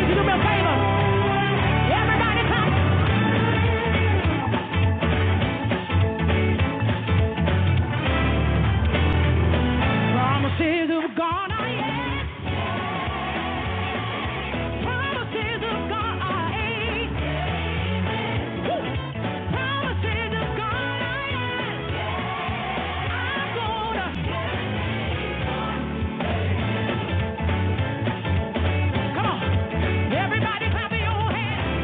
You do me a favor. Everybody clap. Promises of God are yes. Promises of God are yes. Woo. Promises of God are yes. I'm gonna. Come on. Everybody clap your hands.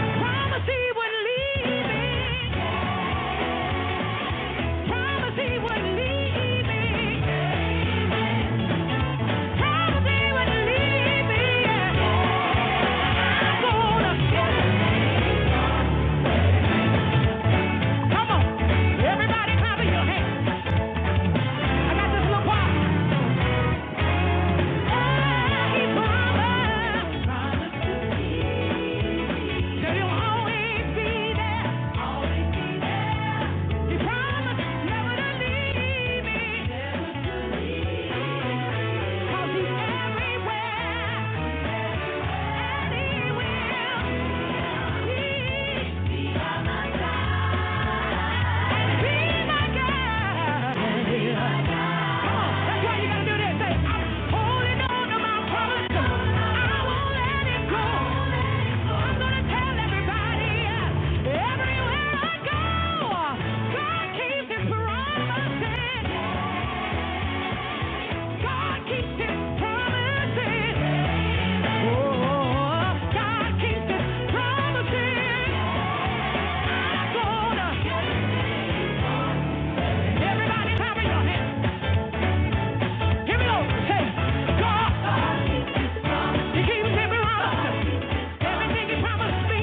Promise he wouldn't leave me. Promise he wouldn't leave me. Promise he wouldn't leave me. Yeah. I'm gonna. Come on. Everybody clap your hands. I got this little choir. Yeah. Come on, that's why you gotta do this. Say, I'm holding on to my promise. I won't let it go. I'm gonna tell everybody, everywhere I go, God keeps His promises. God keeps His promises. Oh, God keeps His promises. Everybody, clap your hands. Here we go. Say, God. He keeps every promise. Everything he promised me.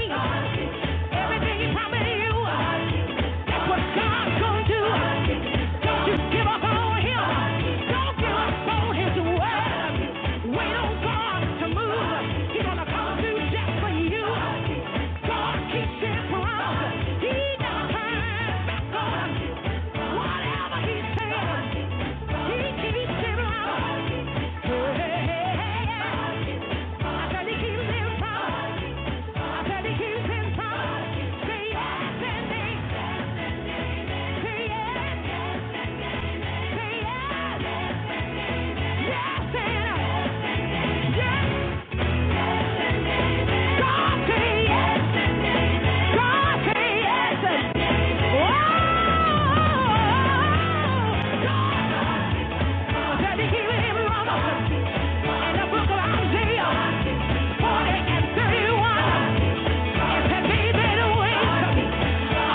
Everything he promised you. What God's gonna do? Don't you give up on Him. Don't give up on His word. Wait on God to move. He's gonna come through just for you. God keeps His promise. He never turns back on us. Whatever He says, He keeps His promise. Hey, hey, hey, hey. I said He keeps His promise. I said He keeps His promise. Say yes and amen.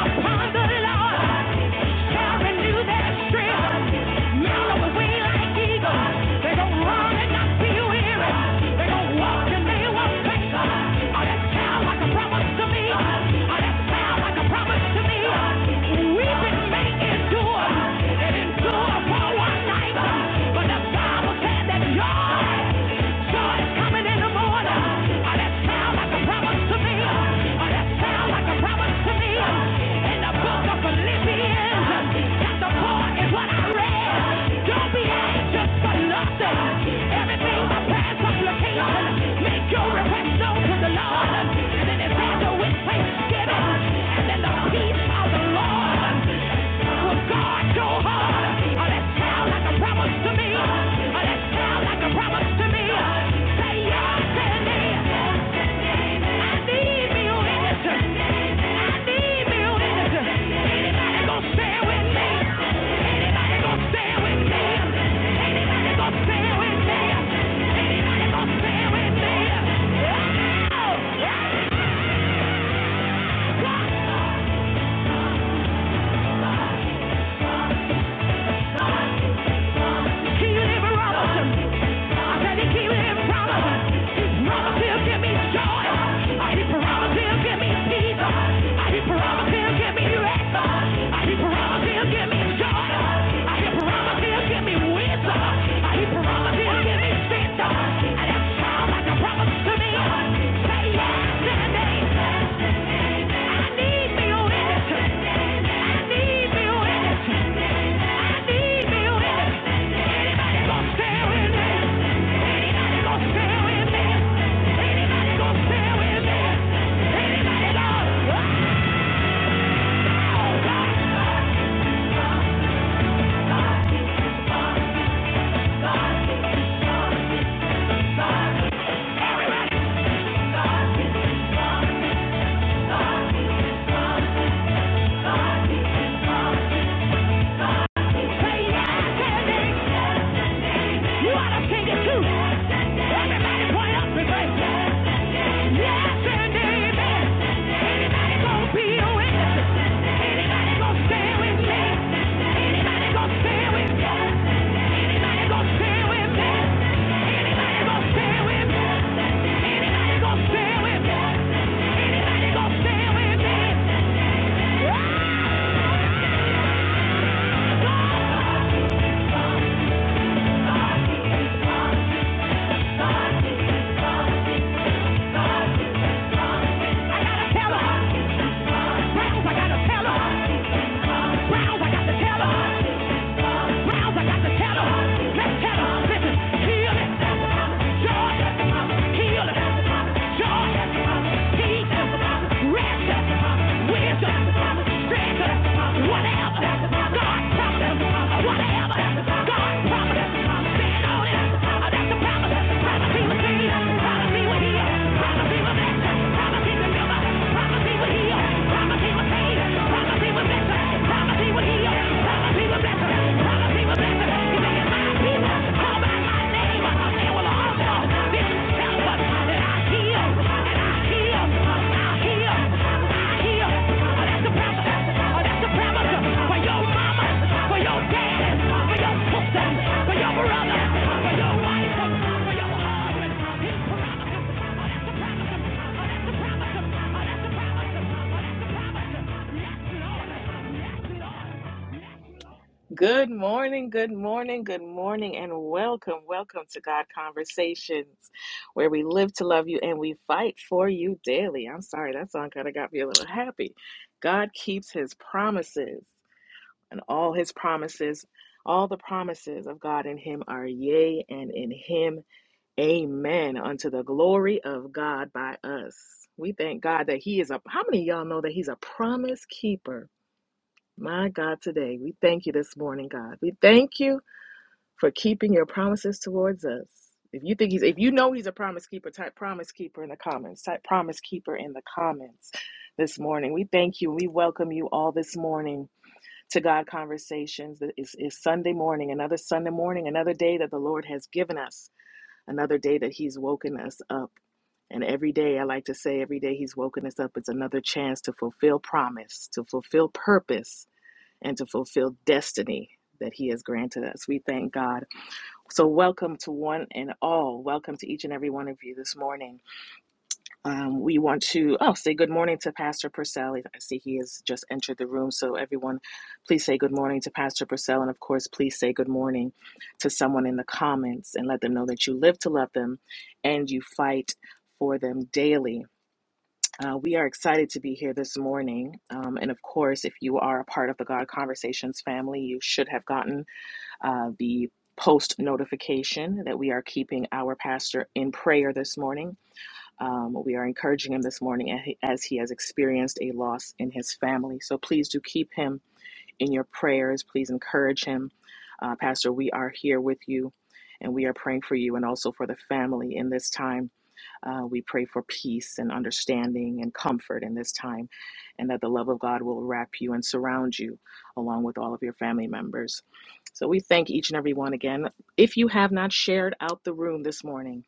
Upon the Lord shall renew their strength. Joy! Joy is coming in the morning. Oh, that sound like a promise to me. Let's That like a promise to me. In the book of Philippians, chapter 4 is what I read. Don't be anxious for nothing. Everything by prayer and supplication. Make your request known to the Lord. And then it's handled with thanksgiving. And then the peace of the Lord will guard your heart. Oh, that sounds like a promise to me. Let's tell like a promise to me. Say yes to me. I need me a witness. I need me a witness. Anybody gonna stand with me? Anybody gonna stand with me? Anybody gonna stand with me? Anybody gonna stand with me? Oh, yeah. Keep him Robinson. I said he keep him Robinson. Robinson he'll give me joy. I keep Robinson he'll me peace. I keep Robinson he'll me rest. I keep Robinson he'll me joy. I keep Robinson he'll me wisdom. I keep Robinson he'll give me strength. And that sounds like a promise to me. Everybody! Yeah. Party is on, party is on, party I gotta tell her. Browns, I gotta tell her. Browns, I gotta tell her. Browns, I gotta tell her. Let's tell her. Listen, heal it. Joy. Heal it. Joy. Peace. Rest. Wisdom. Strength. Whatever. God promised. Whatever. God promised. Stand on it. That's the promise. Promise he will see. Promise he will heal. Promise he will bless. Promise he will deliver. Promise he will heal. Promise he will save. Promise he will bless. Promise he will heal. Promise he will bless. Promise he will bless. He said, my people call by my name, they will all know this self I heal, and I heal, I I heal." Oh, that's the promise. Oh, that's the promise for your mama, for your daddy, for your sister, for your brother, for your wife, for your husband. His promise. Good morning, good morning, good morning, and welcome, welcome to God Conversations, where we live to love you and we fight for you daily. I'm sorry, that song kind of got me a little happy. God keeps his promises, and all his promises, all the promises of God in him are yea, and in him, amen, unto the glory of God by us. We thank God that he is a, how many of y'all know that he's a promise keeper? My God, today, we thank you this morning, God. We thank you for keeping your promises towards us. If you think he's, if you know he's a promise keeper, type promise keeper in the comments. Type promise keeper in the comments this morning. We thank you. We welcome you all this morning to God Conversations. It's, it's Sunday morning, another Sunday morning, another day that the Lord has given us, another day that he's woken us up. And every day, I like to say, every day he's woken us up, it's another chance to fulfill promise, to fulfill purpose, and to fulfill destiny that He has granted us. We thank God. So, welcome to one and all. Welcome to each and every one of you this morning. Um, we want to oh say good morning to Pastor Purcell. I see he has just entered the room. So, everyone, please say good morning to Pastor Purcell, and of course, please say good morning to someone in the comments and let them know that you live to love them and you fight for them daily. Uh, we are excited to be here this morning. Um, and of course, if you are a part of the God Conversations family, you should have gotten uh, the post notification that we are keeping our pastor in prayer this morning. Um, we are encouraging him this morning as he as he has experienced a loss in his family. So please do keep him in your prayers. Please encourage him. Uh, pastor, we are here with you and we are praying for you and also for the family in this time. Uh, we pray for peace and understanding and comfort in this time, and that the love of God will wrap you and surround you along with all of your family members. So we thank each and every one again. If you have not shared out the room this morning,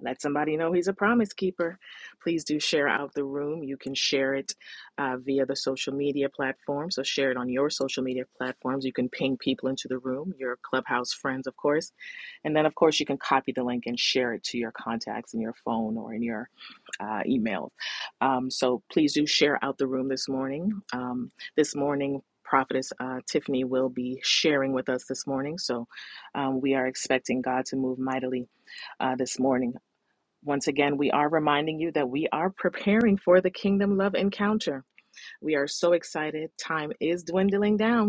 let somebody know he's a promise keeper. Please do share out the room. You can share it uh, via the social media platform. So share it on your social media platforms. You can ping people into the room, your clubhouse friends, of course. And then, of course, you can copy the link and share it to your contacts in your phone or in your uh, emails. Um, so please do share out the room this morning. Um, this morning, Prophetess uh, Tiffany will be sharing with us this morning. So um, we are expecting God to move mightily uh, this morning. Once again, we are reminding you that we are preparing for the Kingdom Love Encounter. We are so excited. Time is dwindling down.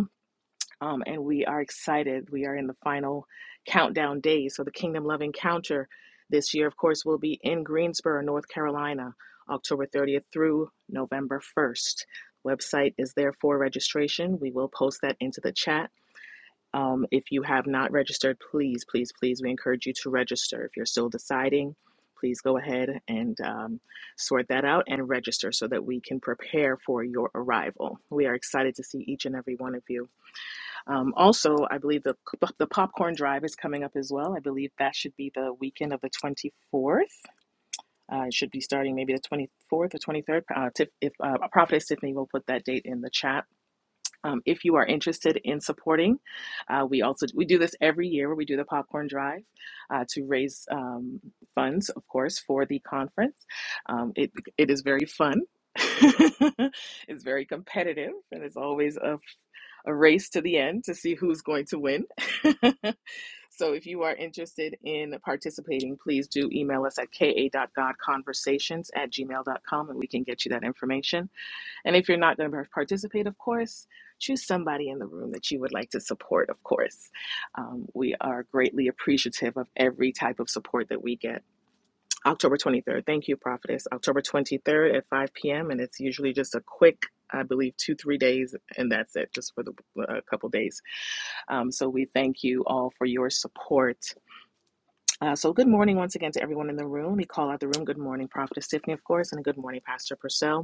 Um, and we are excited. We are in the final countdown days. So, the Kingdom Love Encounter this year, of course, will be in Greensboro, North Carolina, October 30th through November 1st. Website is there for registration. We will post that into the chat. Um, if you have not registered, please, please, please, we encourage you to register. If you're still deciding, please go ahead and um, sort that out and register so that we can prepare for your arrival. We are excited to see each and every one of you. Um, also, I believe the the popcorn drive is coming up as well. I believe that should be the weekend of the 24th. Uh, it should be starting maybe the 24th or 23rd. Uh, Tiff, if uh, Prophetess Tiffany will put that date in the chat um, if you are interested in supporting. Uh, we also we do this every year where we do the popcorn drive uh, to raise um, funds, of course, for the conference. Um, it it is very fun. it's very competitive, and it's always a a race to the end to see who's going to win. so if you are interested in participating, please do email us at ka dot god conversations at gmail dot com, and we can get you that information. And if you're not going to participate, of course, choose somebody in the room that you would like to support, of course. Um, we are greatly appreciative of every type of support that we get. October 23rd. Thank you, Prophetess. October 23rd at 5 p.m. And it's usually just a quick, I believe, two, three days, and that's it, just for the, a couple days. Um, so we thank you all for your support. Uh, so good morning once again to everyone in the room. We call out the room. Good morning, Prophetess Tiffany, of course, and good morning, Pastor Purcell.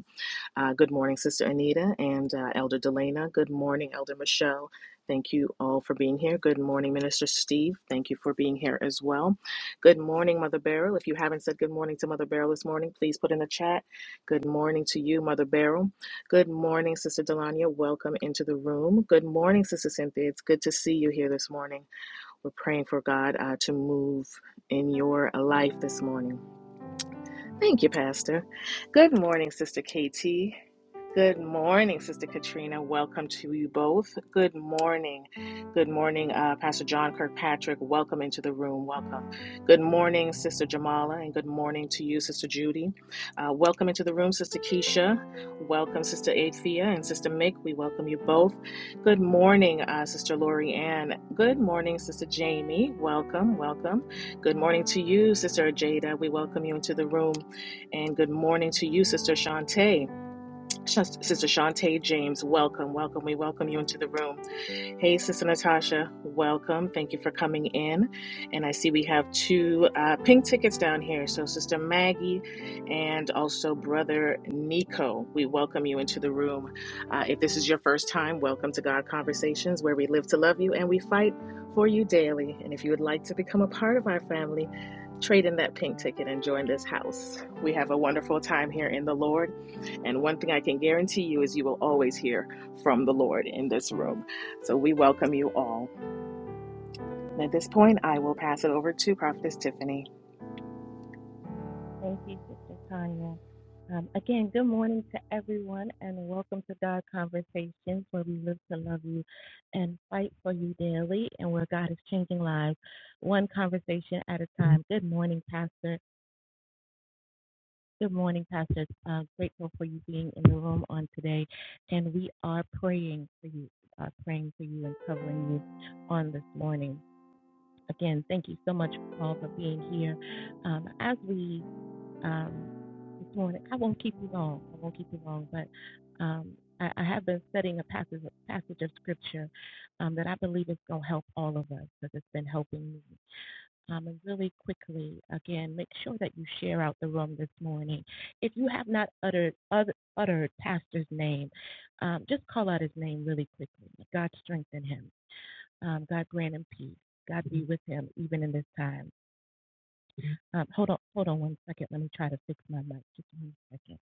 Uh, good morning, Sister Anita and uh, Elder Delana. Good morning, Elder Michelle. Thank you all for being here. Good morning, Minister Steve. Thank you for being here as well. Good morning, Mother Beryl. If you haven't said good morning to Mother Beryl this morning, please put in the chat. Good morning to you, Mother Beryl. Good morning, Sister Delania. Welcome into the room. Good morning, Sister Cynthia. It's good to see you here this morning. We're praying for God uh, to move in your life this morning. Thank you, Pastor. Good morning, Sister KT. Good morning, Sister Katrina. Welcome to you both. Good morning. Good morning, uh, Pastor John Kirkpatrick. Welcome into the room. Welcome. Good morning, Sister Jamala, and good morning to you, Sister Judy. Uh, welcome into the room, Sister Keisha. Welcome, Sister Athea and Sister Mick. We welcome you both. Good morning, uh, Sister Lori Ann. Good morning, Sister Jamie. Welcome, welcome. Good morning to you, Sister Jada. We welcome you into the room. And good morning to you, Sister Shantae. Sh- Sister Shantae James, welcome, welcome. We welcome you into the room. Hey, Sister Natasha, welcome. Thank you for coming in. And I see we have two uh, pink tickets down here. So, Sister Maggie and also Brother Nico, we welcome you into the room. Uh, if this is your first time, welcome to God Conversations, where we live to love you and we fight for you daily. And if you would like to become a part of our family, trade in that pink ticket and join this house. We have a wonderful time here in the Lord. And one thing I can guarantee you is you will always hear from the Lord in this room. So we welcome you all. At this point, I will pass it over to Prophetess Tiffany. Thank you, Sister Tanya. Um, again, good morning to everyone, and welcome to God Conversations, where we live to love you and fight for you daily, and where God is changing lives one conversation at a time. Good morning, Pastor. Good morning, Pastor. Uh, grateful for you being in the room on today, and we are praying for you, uh, praying for you, and covering you on this morning. Again, thank you so much, Paul, for being here. Um, as we um, this morning, I won't keep you long. I won't keep you long, but um, I, I have been studying a passage, a passage of scripture um, that I believe is going to help all of us because it's been helping me. Um, and really quickly, again, make sure that you share out the room this morning. If you have not uttered uttered, uttered Pastor's name, um, just call out his name really quickly. God strengthen him. Um, God grant him peace. God be with him even in this time. Um, hold on, hold on one second. Let me try to fix my mic. Just one second.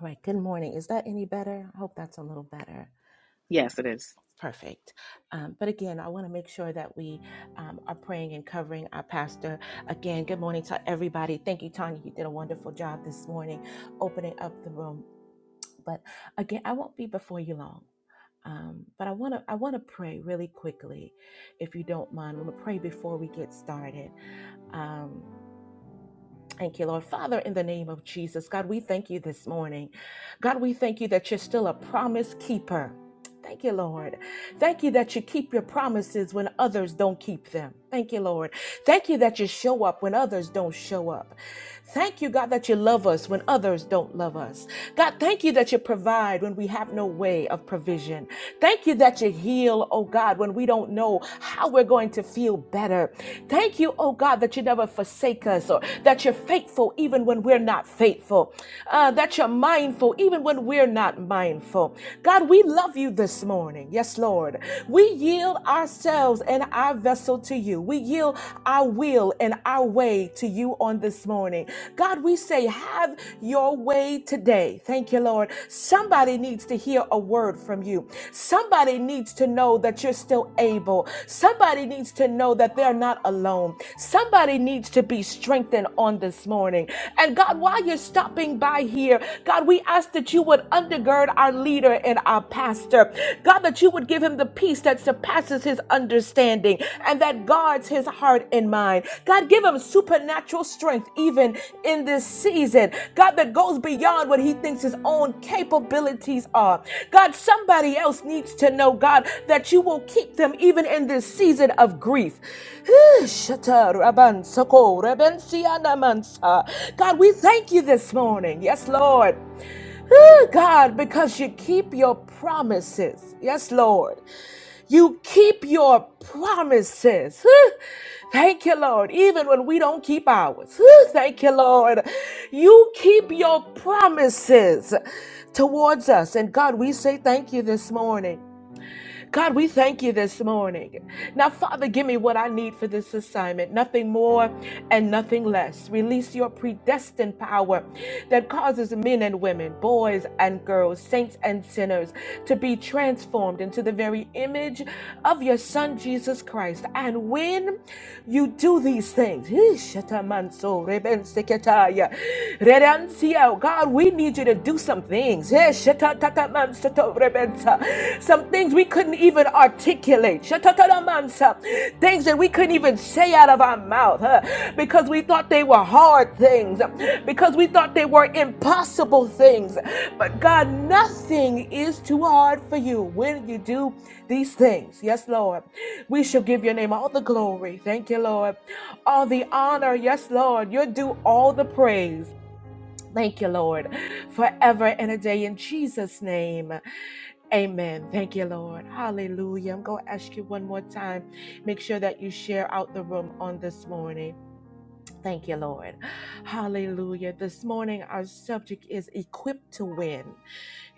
All right. Good morning. Is that any better? I hope that's a little better. Yes, Uh, it is. Perfect. Um, but again, I want to make sure that we um, are praying and covering our pastor. Again, good morning to everybody. Thank you, Tanya. You did a wonderful job this morning opening up the room. But again, I won't be before you long. Um, but I want to I want to pray really quickly, if you don't mind. I'm gonna pray before we get started. Um, thank you, Lord Father, in the name of Jesus, God, we thank you this morning. God, we thank you that you're still a promise keeper. Thank you, Lord. Thank you that you keep your promises when others don't keep them. Thank you, Lord. Thank you that you show up when others don't show up. Thank you, God, that you love us when others don't love us. God, thank you that you provide when we have no way of provision. Thank you that you heal, oh God, when we don't know how we're going to feel better. Thank you, oh God, that you never forsake us or that you're faithful even when we're not faithful, uh, that you're mindful even when we're not mindful. God, we love you this morning. Yes, Lord. We yield ourselves and our vessel to you. We yield our will and our way to you on this morning. God, we say, have your way today. Thank you, Lord. Somebody needs to hear a word from you. Somebody needs to know that you're still able. Somebody needs to know that they're not alone. Somebody needs to be strengthened on this morning. And God, while you're stopping by here, God, we ask that you would undergird our leader and our pastor pastor. God, that you would give him the peace that surpasses his understanding and that guards his heart and mind. God, give him supernatural strength even in this season. God, that goes beyond what he thinks his own capabilities are. God, somebody else needs to know, God, that you will keep them even in this season of grief. Shata raban soko raben siyana mansa. God, we thank you this morning. Yes, Lord. Ooh, God, because you keep your promises. Yes, Lord. You keep your promises. Whew. Thank you, Lord. Even when we don't keep ours. Whew. Thank you, Lord. You keep your promises towards us. And God, we say thank you this morning. God, we thank you this morning. Now, Father, give me what I need for this assignment, nothing more and nothing less. Release your predestined power that causes men and women, boys and girls, saints and sinners to be transformed into the very image of your Son, Jesus Christ. And when you do these things, Shatamanso, Rebenseketaya, Redansia. God, we need you to do some things. Eh, shatatatamansoto rebensa. Some things we couldn't even articulate. Shatatatamansa. Things that we couldn't even say out of our mouth huh, because we thought they were hard things, because we thought they were impossible things. But God, nothing is too hard for you when you do these things. Yes, Lord. We shall give your name all the glory. Thank you, Lord all the honor. Yes, Lord. You're due all the praise. Thank you, Lord, forever and a day in Jesus' name. Amen. Thank you, Lord. Hallelujah. I'm going to ask you one more time. Make sure that you share out the room on this morning. Thank you, Lord. Hallelujah. This morning, our subject is equipped to win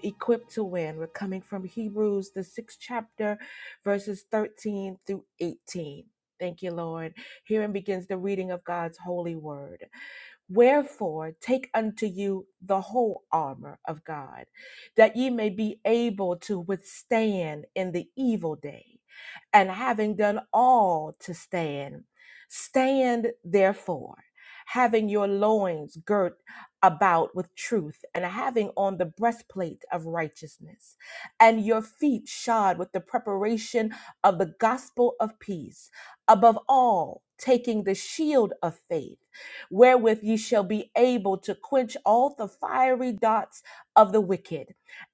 equipped to win. We're coming from Hebrews, the sixth chapter, verses 13 through 18. Thank you, Lord. Herein begins the reading of God's holy word. Wherefore, take unto you the whole armor of God, that ye may be able to withstand in the evil day. And having done all to stand, stand therefore, having your loins girt about with truth and having on the breastplate of righteousness and your feet shod with the preparation of the gospel of peace above all taking the shield of faith wherewith ye shall be able to quench all the fiery darts of the wicked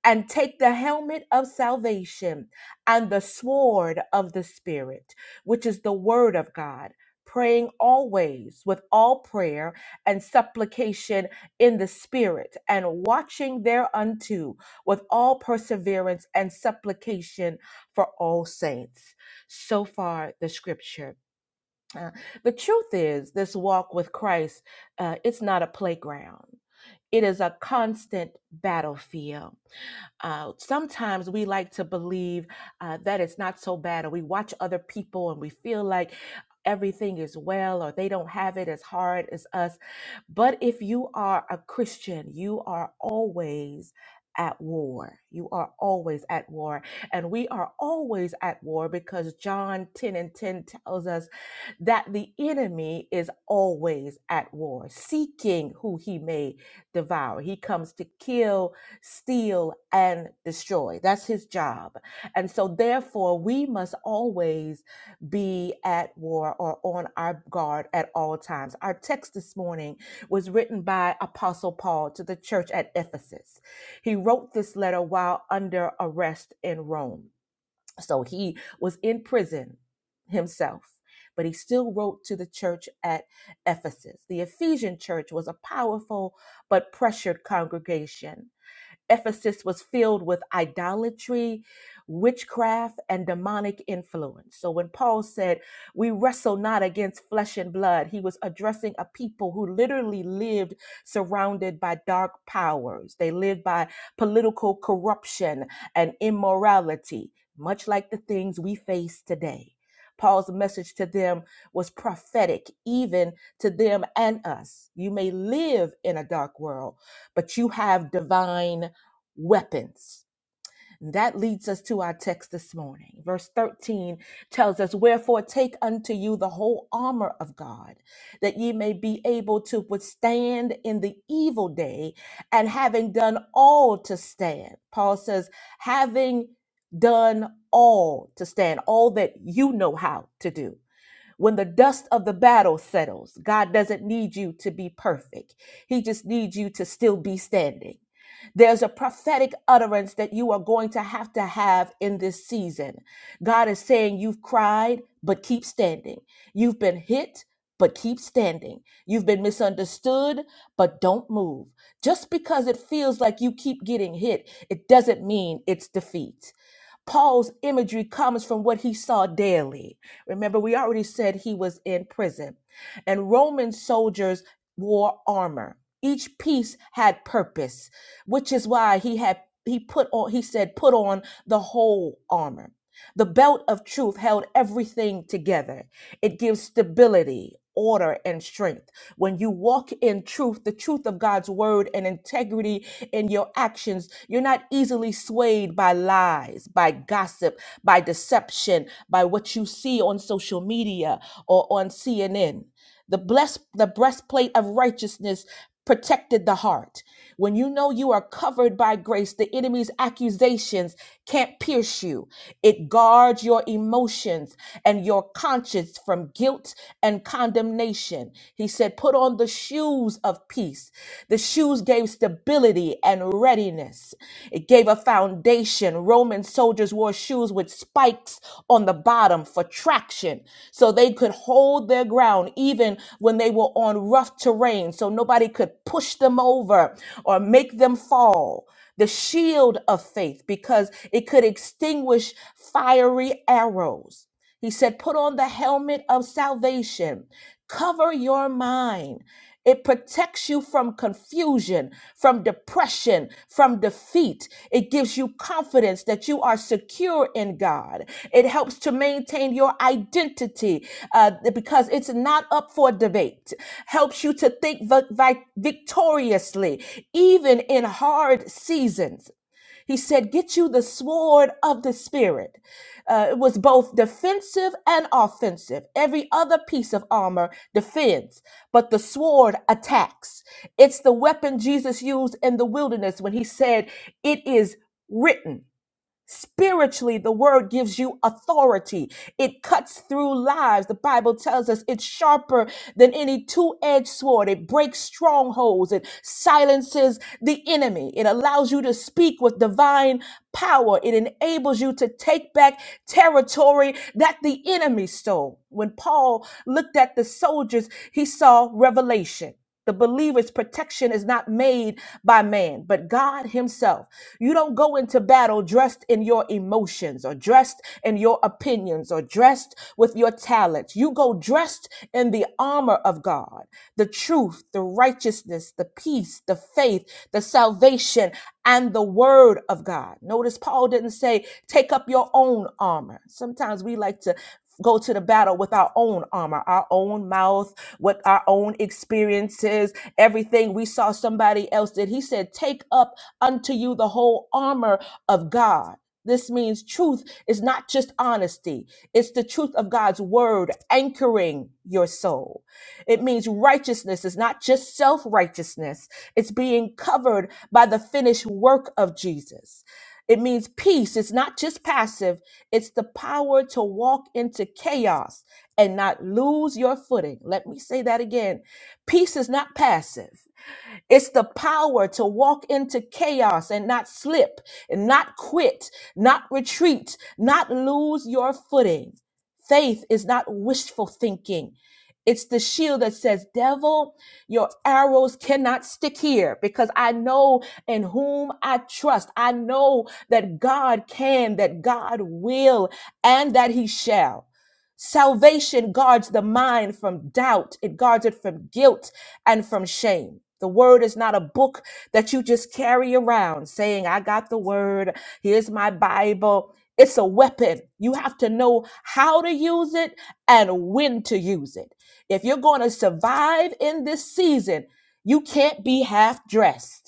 and take the helmet of salvation and the sword of the spirit which is the word of god praying always with all prayer and supplication in the spirit and watching thereunto with all perseverance and supplication for all saints. So far, the scripture. Uh, the truth is, this walk with Christ, uh, it's not a playground. It is a constant battlefield. Uh, sometimes we like to believe uh, that it's not so bad, or we watch other people and we feel like everything is well, or they don't have it as hard as us. But if you are a Christian, you are always at war. You are always at war. And we are always at war because John 10 and 10 tells us that the enemy is always at war, seeking who he may devour. He comes to kill steal, and destroy. That's his job. And so, therefore, we must always be at war or on our guard at all times. Our text this morning was written by Apostle Paul to the church at Ephesus. He wrote this letter while under arrest in Rome. So, he was in prison himself. But he still wrote to the church at Ephesus. The Ephesian church was a powerful but pressured congregation Ephesus was filled with idolatry, witchcraft, and demonic influence. So when Paul said, We wrestle not against flesh and blood, he was addressing a people who literally lived surrounded by dark powers. They lived by political corruption and immorality, much like the things we face today. Paul's message to them was prophetic, even to them and us. You may live in a dark world, but you have divine weapons. That leads us to our text this morning. Verse 13 tells us, Wherefore take unto you the whole armor of God, that ye may be able to withstand in the evil day, and having done all to stand. Paul says, Having done all to stand, all that you know how to do. When the dust of the battle settles, God doesn't need you to be perfect. He just needs you to still be standing. There's a prophetic utterance that you are going to have to have in this season. God is saying, You've cried, but keep standing. You've been hit, but keep standing. You've been misunderstood, but don't move. Just because it feels like you keep getting hit, it doesn't mean it's defeat. Paul's imagery comes from what he saw daily. Remember, we already said he was in prison. And Roman soldiers wore armor. Each piece had purpose, which is why he had he put on he said put on the whole armor. The belt of truth held everything together. It gives stability, order, and strength. When you walk in truth, the truth of God's word and integrity in your actions, you're not easily swayed by lies, by gossip, by deception, by what you see on social media or on CNN. The blessed the breastplate of righteousness protected the heart. When you know you are covered by grace, the enemy's accusations can't pierce you. It guards your emotions and your conscience from guilt and condemnation. He said, Put on the shoes of peace. The shoes gave stability and readiness, it gave a foundation. Roman soldiers soldiers wore shoes with spikes on the bottom for traction so they could hold their ground even when they were on rough terrain so nobody could push them over or make them fall. The shield of faith because it could extinguish fiery arrows. He said, put on the helmet of salvation, cover your mind. It protects you from confusion, from depression, from defeat. It gives you confidence that you are secure in God. It helps to maintain your identity uh, because it's not up for debate. Helps you to think vi- vi- victoriously, even in hard seasons. He said, Get you the sword of the Spirit. Uh, it was both defensive and offensive. Every other piece of armor defends, but the sword attacks. It's the weapon Jesus used in the wilderness when he said, It is written. Spiritually, the word gives you authority. It cuts through lives. The Bible tells us it's sharper than any two edged sword. It breaks strongholds. It silences the enemy. It allows you to speak with divine power. It enables you to take back territory that the enemy stole. When Paul looked at the soldiers, he saw revelation. The believer's protection is not made by man, but God Himself. You don't go into battle dressed in your emotions or dressed in your opinions or dressed with your talents. You go dressed in the armor of God the truth, the righteousness, the peace, the faith, the salvation, and the word of God. Notice Paul didn't say, take up your own armor. Sometimes we like to go to the battle with our own armor, our own mouth, with our own experiences, everything we saw somebody else did. He said, Take up unto you the whole armor of God. This means truth is not just honesty. It's the truth of God's word anchoring your soul. It means righteousness is not just self righteousness, it's being covered by the finished work of Jesus. It means peace. It's not just passive, it's the power to walk into chaos and not lose your footing. Let me say that again. Peace is not passive. It's the power to walk into chaos and not slip, and not quit, not retreat, not lose your footing. Faith is not wishful thinking. It's the shield that says, Devil, your arrows cannot stick here because I know in whom I trust. I know that God can, that God will, and that He shall. Salvation guards the mind from doubt, it guards it from guilt, and from shame. The word is not a book that you just carry around saying, I got the word, here's my Bible. It's a weapon. You have to know how to use it and when to use it. If you're going to survive in this season, you can't be half dressed.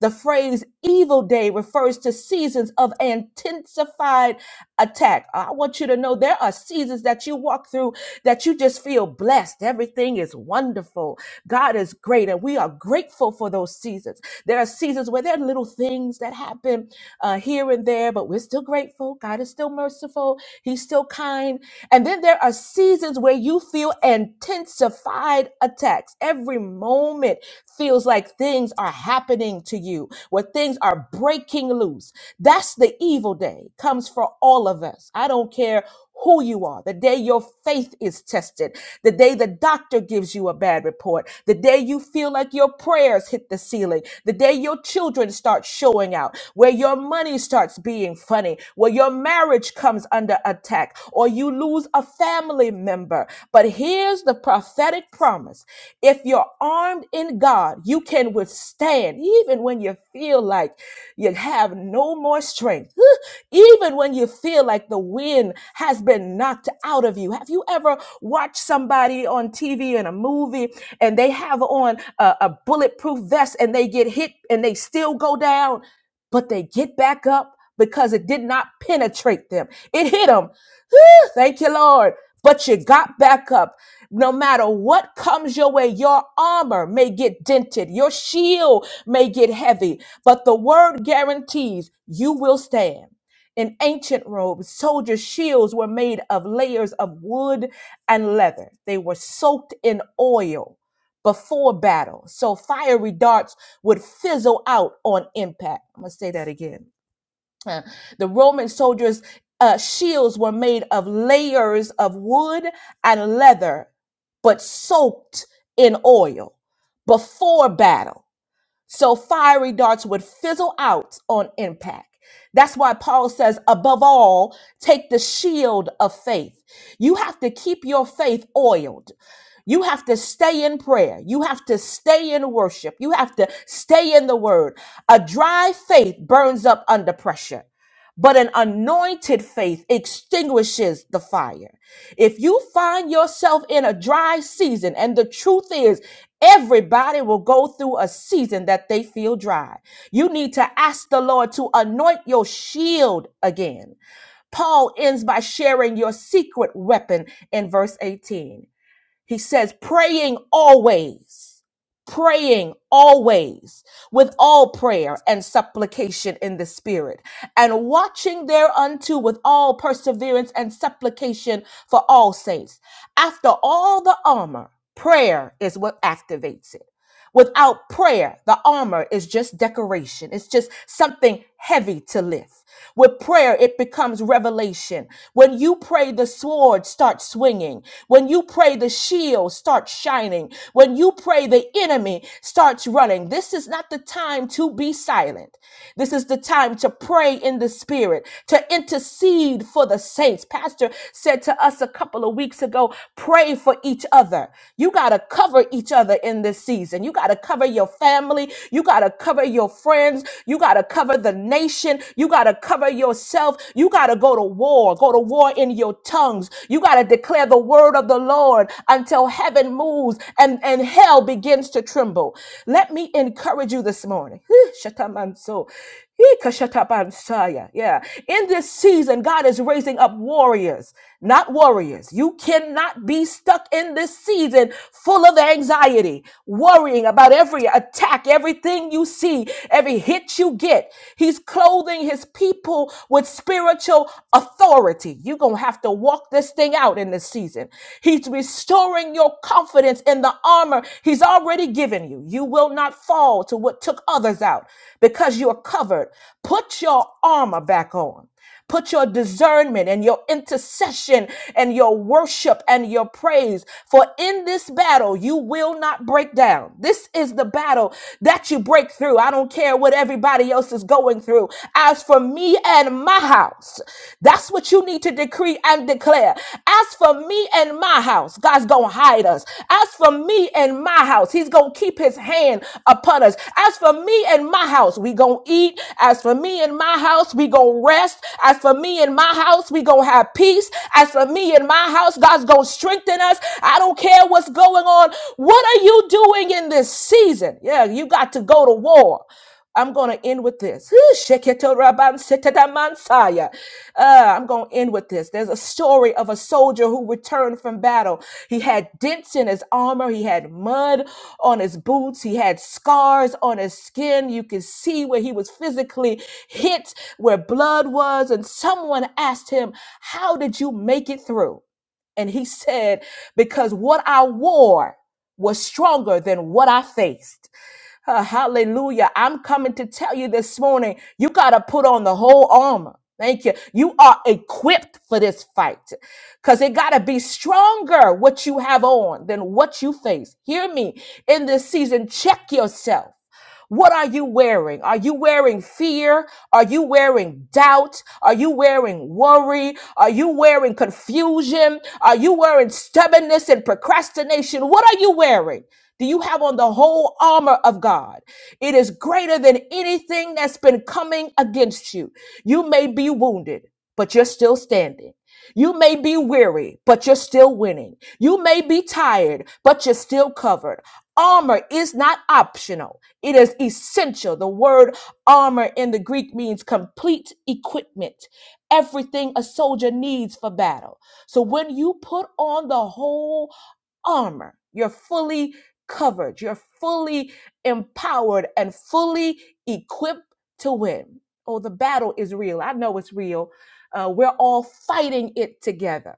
The phrase evil day refers to seasons of intensified attack. I want you to know there are seasons that you walk through that you just feel blessed. Everything is wonderful. God is great, and we are grateful for those seasons. There are seasons where there are little things that happen uh, here and there, but we're still grateful. God is still merciful. He's still kind. And then there are seasons where you feel intensified attacks. Every moment feels like things are happening to you, where things are breaking loose. That's the evil day, comes for all of us. I don't care who you are, the day your faith is tested, the day the doctor gives you a bad report, the day you feel like your prayers hit the ceiling, the day your children start showing out, where your money starts being funny, where your marriage comes under attack, or you lose a family member. But here's the prophetic promise if you're armed in God, you can withstand even when you feel like you have no more strength, even when you feel like the wind has been knocked out of you. Have you ever watched somebody on TV in a movie and they have on a, a bulletproof vest and they get hit and they still go down, but they get back up because it did not penetrate them? It hit them. Whew, Thank you, Lord. But you got back up. No matter what comes your way, your armor may get dented, your shield may get heavy, but the word guarantees you will stand. In ancient robes, soldiers' shields were made of layers of wood and leather. They were soaked in oil before battle, so fiery darts would fizzle out on impact. I'm gonna say that again. The Roman soldiers' uh, shields were made of layers of wood and leather, but soaked in oil before battle. So fiery darts would fizzle out on impact. That's why Paul says, above all, take the shield of faith. You have to keep your faith oiled. You have to stay in prayer. You have to stay in worship. You have to stay in the word. A dry faith burns up under pressure. But an anointed faith extinguishes the fire. If you find yourself in a dry season, and the truth is, everybody will go through a season that they feel dry, you need to ask the Lord to anoint your shield again. Paul ends by sharing your secret weapon in verse 18. He says, praying always, praying always with all prayer and supplication in the Spirit, and watching thereunto with all perseverance and supplication for all saints. After all the armor, prayer is what activates it. Without prayer, the armor is just decoration. It's just something heavy to lift. With prayer, it becomes revelation. When you pray, the sword starts swinging. When you pray, the shield starts shining. When you pray, the enemy starts running. This is not the time to be silent. This is the time to pray in the spirit, to intercede for the saints. Pastor said to us a couple of weeks ago, pray for each other. You got to cover each other in this season. You got to cover your family. You got to cover your friends. You got to cover the nation. You got to cover yourself. You got to go to war. Go to war in your tongues. You got to declare the word of the Lord until heaven moves and, and hell begins to tremble. Let me encourage you this morning. Whew, shatamanso. Ikashatabansaya. Yeah. In this season, God is raising up warriors, not warriors. You cannot be stuck in this season full of anxiety, worrying about every attack, everything you see, every hit you get. He's clothing his people with spiritual authority. You're going to have to walk this thing out in this season. He's restoring your confidence confidence in the armor he's already given you. You will not fall to what took others out because you are covered. Put your armor back on. Put your discernment and your intercession and your worship and your praise. For in this battle, you will not break down. This is the battle that you break through. I don't care what everybody else is going through. As for me and my house, house. That's what you need to decree and declare. As for me and my house, God's going to hide us. As for me and my house, he's going to keep his hand upon us. As for me and my house, we going to eat. As for me and my house, we going to rest. As for me and my house, we going to have peace. As for me and my house, God's going to strengthen us. I don't care what's going on. What are you doing in this season? Yeah, you got to go to war. I'm going to end with this. Sheketorabansetedamansaya. Uh, I'm going to end with this. There's a story of a soldier who returned from battle. He had dents in his armor, he had mud on his boots, he had scars on his skin. You could see where he was physically hit, where blood was. And someone asked him, How did you make it through? And he said, Because what I wore was stronger than what I faced. Uh, hallelujah. I'm coming to tell you this morning, you got to put on the whole armor. Thank you. You are equipped for this fight because it got to be stronger what you have on than what you face. Hear me in this season. Check yourself. What are you wearing? Are you wearing fear? Are you wearing doubt? Are you wearing worry? Are you wearing confusion? Are you wearing stubbornness and procrastination? What are you wearing? Do you have on the whole armor of God? It is greater than anything that's been coming against you. You may be wounded, but you're still standing. You may be weary, but you're still winning. You may be tired, but you're still covered. Armor is not optional, it is essential. The word armor in the Greek means complete equipment, everything a soldier needs for battle. So when you put on the whole armor, you're fully covered, you're fully empowered, and fully equipped to win. Oh, the battle is real. I know it's real. Uh, we're all fighting it together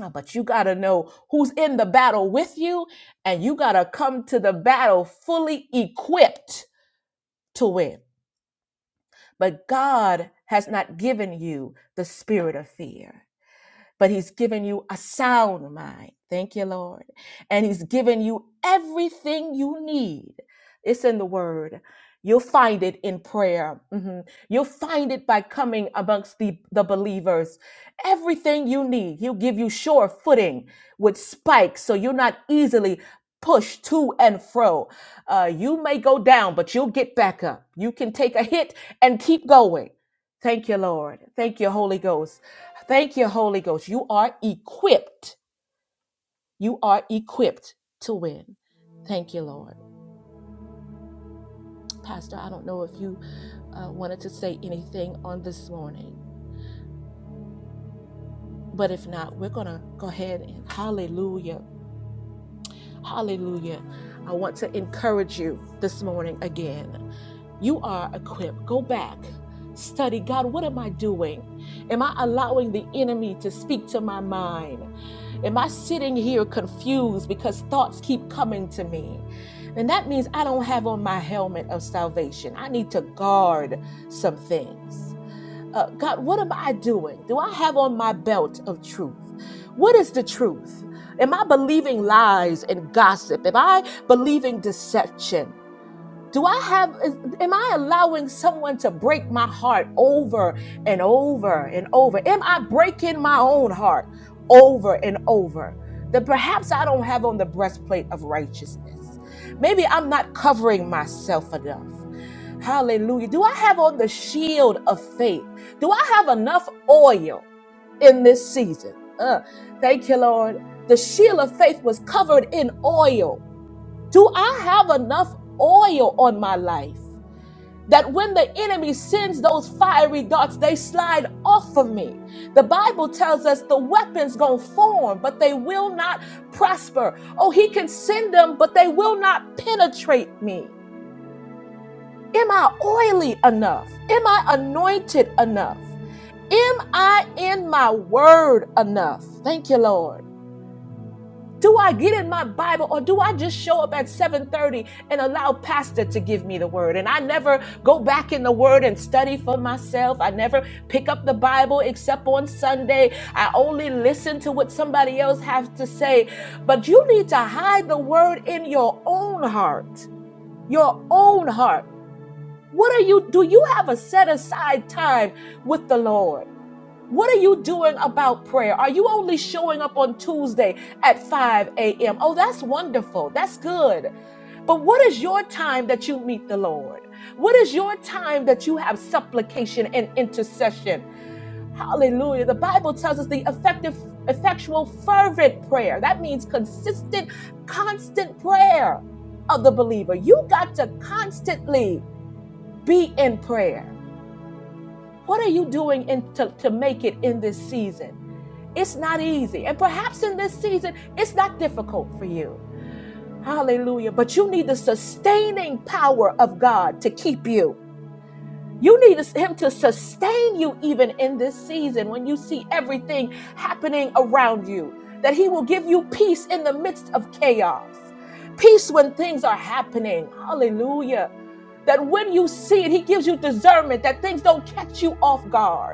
uh, But you got to know who's in the battle with you, and you got to come to the battle fully equipped to win. But God has not given you the spirit of fear but he's given you a sound mind. Thank you, Lord. And he's given you everything you need. It's in the word. You'll find it in prayer. Mhm. You'll find it by coming amongst the, the believers. Everything you need, he'll give you sure footing with spikes so you're not easily pushed to and fro. Uh, you may go down, but you'll get back up. You can take a hit and keep going. Thank you, Lord. Thank you, Holy Ghost. Thank you, Holy Ghost. You are equipped. You are equipped to win. Thank you, Lord. Pastor, I don't know if you uh, wanted to say anything on this morning, but if not, we're going to go ahead and hallelujah Hallelujah. I want to encourage you this morning again. You are equipped. Go back. Study God, what am I doing? Am I allowing the enemy to speak to my mind? Am I sitting here confused because thoughts keep coming to me? And that means I don't have on my helmet of salvation. I need to guard some things. Uh, God, what am I doing? Do I have on my belt of truth? What is the truth? Am I believing lies and gossip? Am I believing deception? Do I have, is- am I allowing someone to break my heart over and over and over? Am I breaking my own heart over and over? That perhaps I don't have on the breastplate of righteousness. Maybe I'm not covering myself enough. Hallelujah. Do I have on the shield of faith? Do I have enough oil in this season? Uh, thank you, Lord. The shield of faith was covered in oil. Do I have enough oil on my life that when the enemy sends those fiery darts, they slide off of me? The Bible tells us the weapons gonna form, but they will not prosper. Oh, he can send them, but they will not penetrate me. Am I oily enough? Am I anointed enough? Am I in my word enough? Thank you, Lord. Do I get in my Bible or do I just show up at 7:30 and allow pastor to give me the word? And I never go back in the word and study for myself. I never pick up the Bible except on Sunday. I only listen to what somebody else has to say. But you need to hide the word in your own heart. Your own heart what are you do you have a set aside time with the Lord? What are you doing about prayer? Are you only showing up on Tuesday at 5 a.m.? Oh, that's wonderful. That's good. But what is your time that you meet the Lord? What is your time that you have supplication and intercession? Hallelujah. The Bible tells us the effective, effectual, fervent prayer. That means consistent, constant prayer of the believer. You got to constantly be in prayer. What are you doing in, to, to make it in this season? It's not easy. And perhaps in this season, it's not difficult for you. Hallelujah. But you need the sustaining power of God to keep you. You need Him to sustain you even in this season when you see everything happening around you, that He will give you peace in the midst of chaos, peace when things are happening. Hallelujah that when you see it, he gives you discernment that things don't catch you off guard.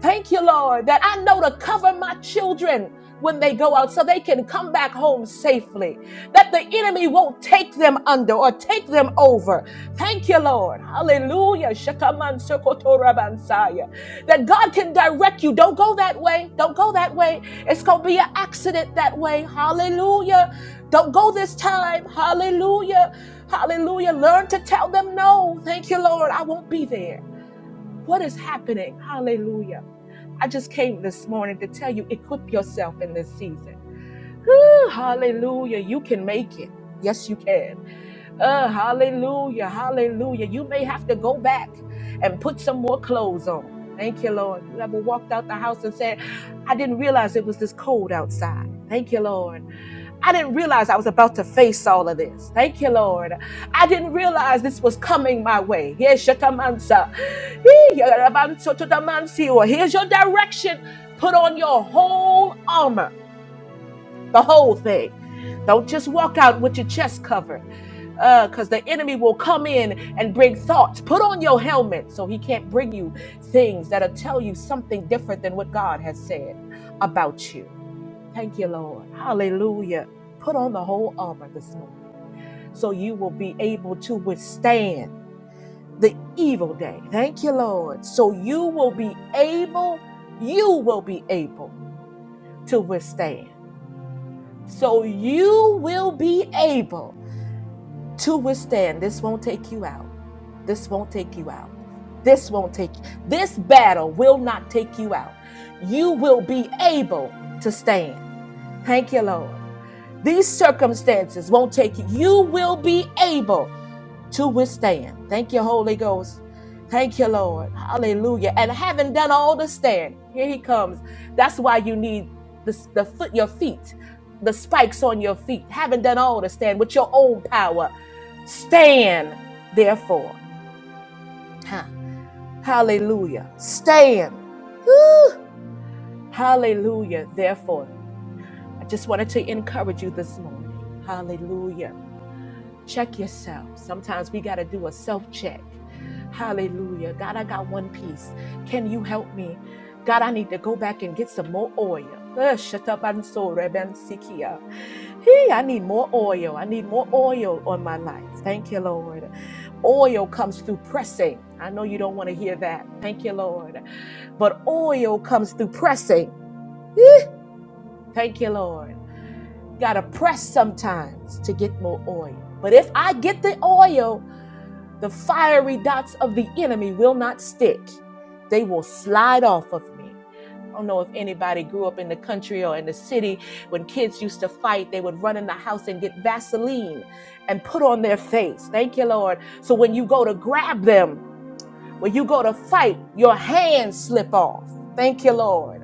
Thank you, Lord, that I know to cover my children when they go out so they can come back home safely, that the enemy won't take them under or take them over. Thank you, Lord. Hallelujah. Shakaman sokotorabansaya. That God can direct you. Don't go that way. Don't go that way. It's going to be an accident that way. Hallelujah. Don't go this time. Hallelujah. Hallelujah. Learn to tell them no. Thank you, Lord. I won't be there. What is happening? Hallelujah. I just came this morning to tell you equip yourself in this season. Whew, hallelujah. You can make it. Yes, you can. Uh, hallelujah. Hallelujah. You may have to go back and put some more clothes on. Thank you, Lord. You ever walked out the house and said, I didn't realize it was this cold outside. Thank you, Lord. I didn't realize I was about to face all of this. Thank you, Lord. I didn't realize this was coming my way. Here's your tamansa. Hee, yarabanso to tamansi. Or Here's your direction. Put on your whole armor, the whole thing. Don't just walk out with your chest covered because the enemy will come in and bring thoughts. Put on your helmet so he can't bring you things that'll tell you something different than what God has said about you. Thank you, Lord. Hallelujah. Put on the whole armor this morning so you will be able to withstand the evil day. Thank you, Lord. So you will be able, you will be able to withstand. So you will be able to withstand. This won't take you out. This won't take you out. This won't take this battle will not take you out. You will be able to stand. Thank you, Lord. These circumstances won't take you. You will be able to withstand. Thank you, Holy Ghost. Thank you, Lord. Hallelujah. And having done all to stand, here he comes. That's why you need the, the foot, your feet, the spikes on your feet. Having done all to stand with your own power, stand, therefore. Huh. Hallelujah. Stand. Whew. Hallelujah. Therefore, I just wanted to encourage you this morning. Hallelujah Check yourself. Sometimes we got to do a self check. Hallelujah. God, I got one piece. Can you help me? God, I need to go back and get some more oil. Uh, Shut Eh, shatabansoreben-sikia. Hey, I need more oil. I need more oil on my life. Thank you, Lord. Oil comes through pressing. I know you don't want to hear that. Thank you, Lord. But oil comes through pressing. Eh, Thank you, Lord. Got to press sometimes to get more oil. But if I get the oil, the fiery dots of the enemy will not stick. They will slide off of me. I don't know if anybody grew up in the country or in the city when kids used to fight, they would run in the house and get Vaseline and put on their face. Thank you, Lord. So when you go to grab them, when you go to fight, your hands slip off. Thank you, Lord.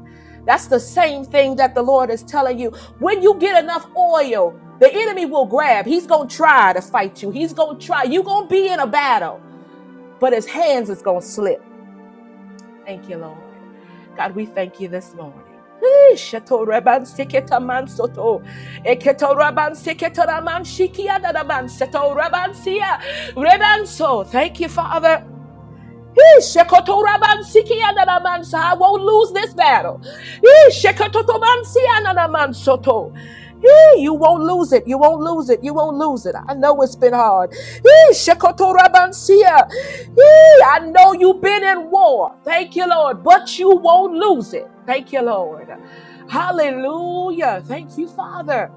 That's the same thing that the Lord is telling you. When you get enough oil, the enemy will grab. He's going to try to fight you. He's going to try. You're going to be in a battle but his hands is going to slip. Thank you, Lord. God, we thank you this morning. Hey, so. Thank you, Father. He shekotorabansikiananamansa. I won't lose this battle. He shekototobansiananamansoto. He, you won't lose it. You won't lose it. You won't lose it. I know it's been hard. He shekotorabansia. He, I know you've been in war. Thank you, Lord. But you won't lose it. Thank you, Lord. Hallelujah. Thank you, Father.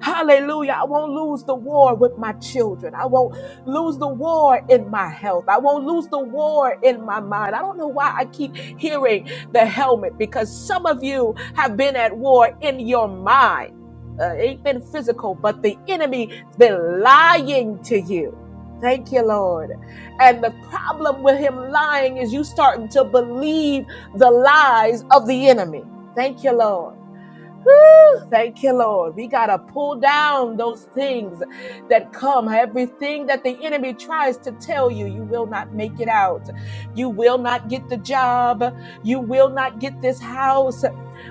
Hallelujah. I won't lose the war with my children. I won't lose the war in my health. I won't lose the war in my mind. I don't know why I keep hearing the helmet because some of you have been at war in your mind. Uh, it ain't been physical, but the enemy's been lying to you. Thank you, Lord. And the problem with him lying is you starting to believe the lies of the enemy. Thank you, Lord. Thank you, Lord. We got to pull down those things that come. Everything that the enemy tries to tell you, you will not make it out. You will not get the job. You will not get this house.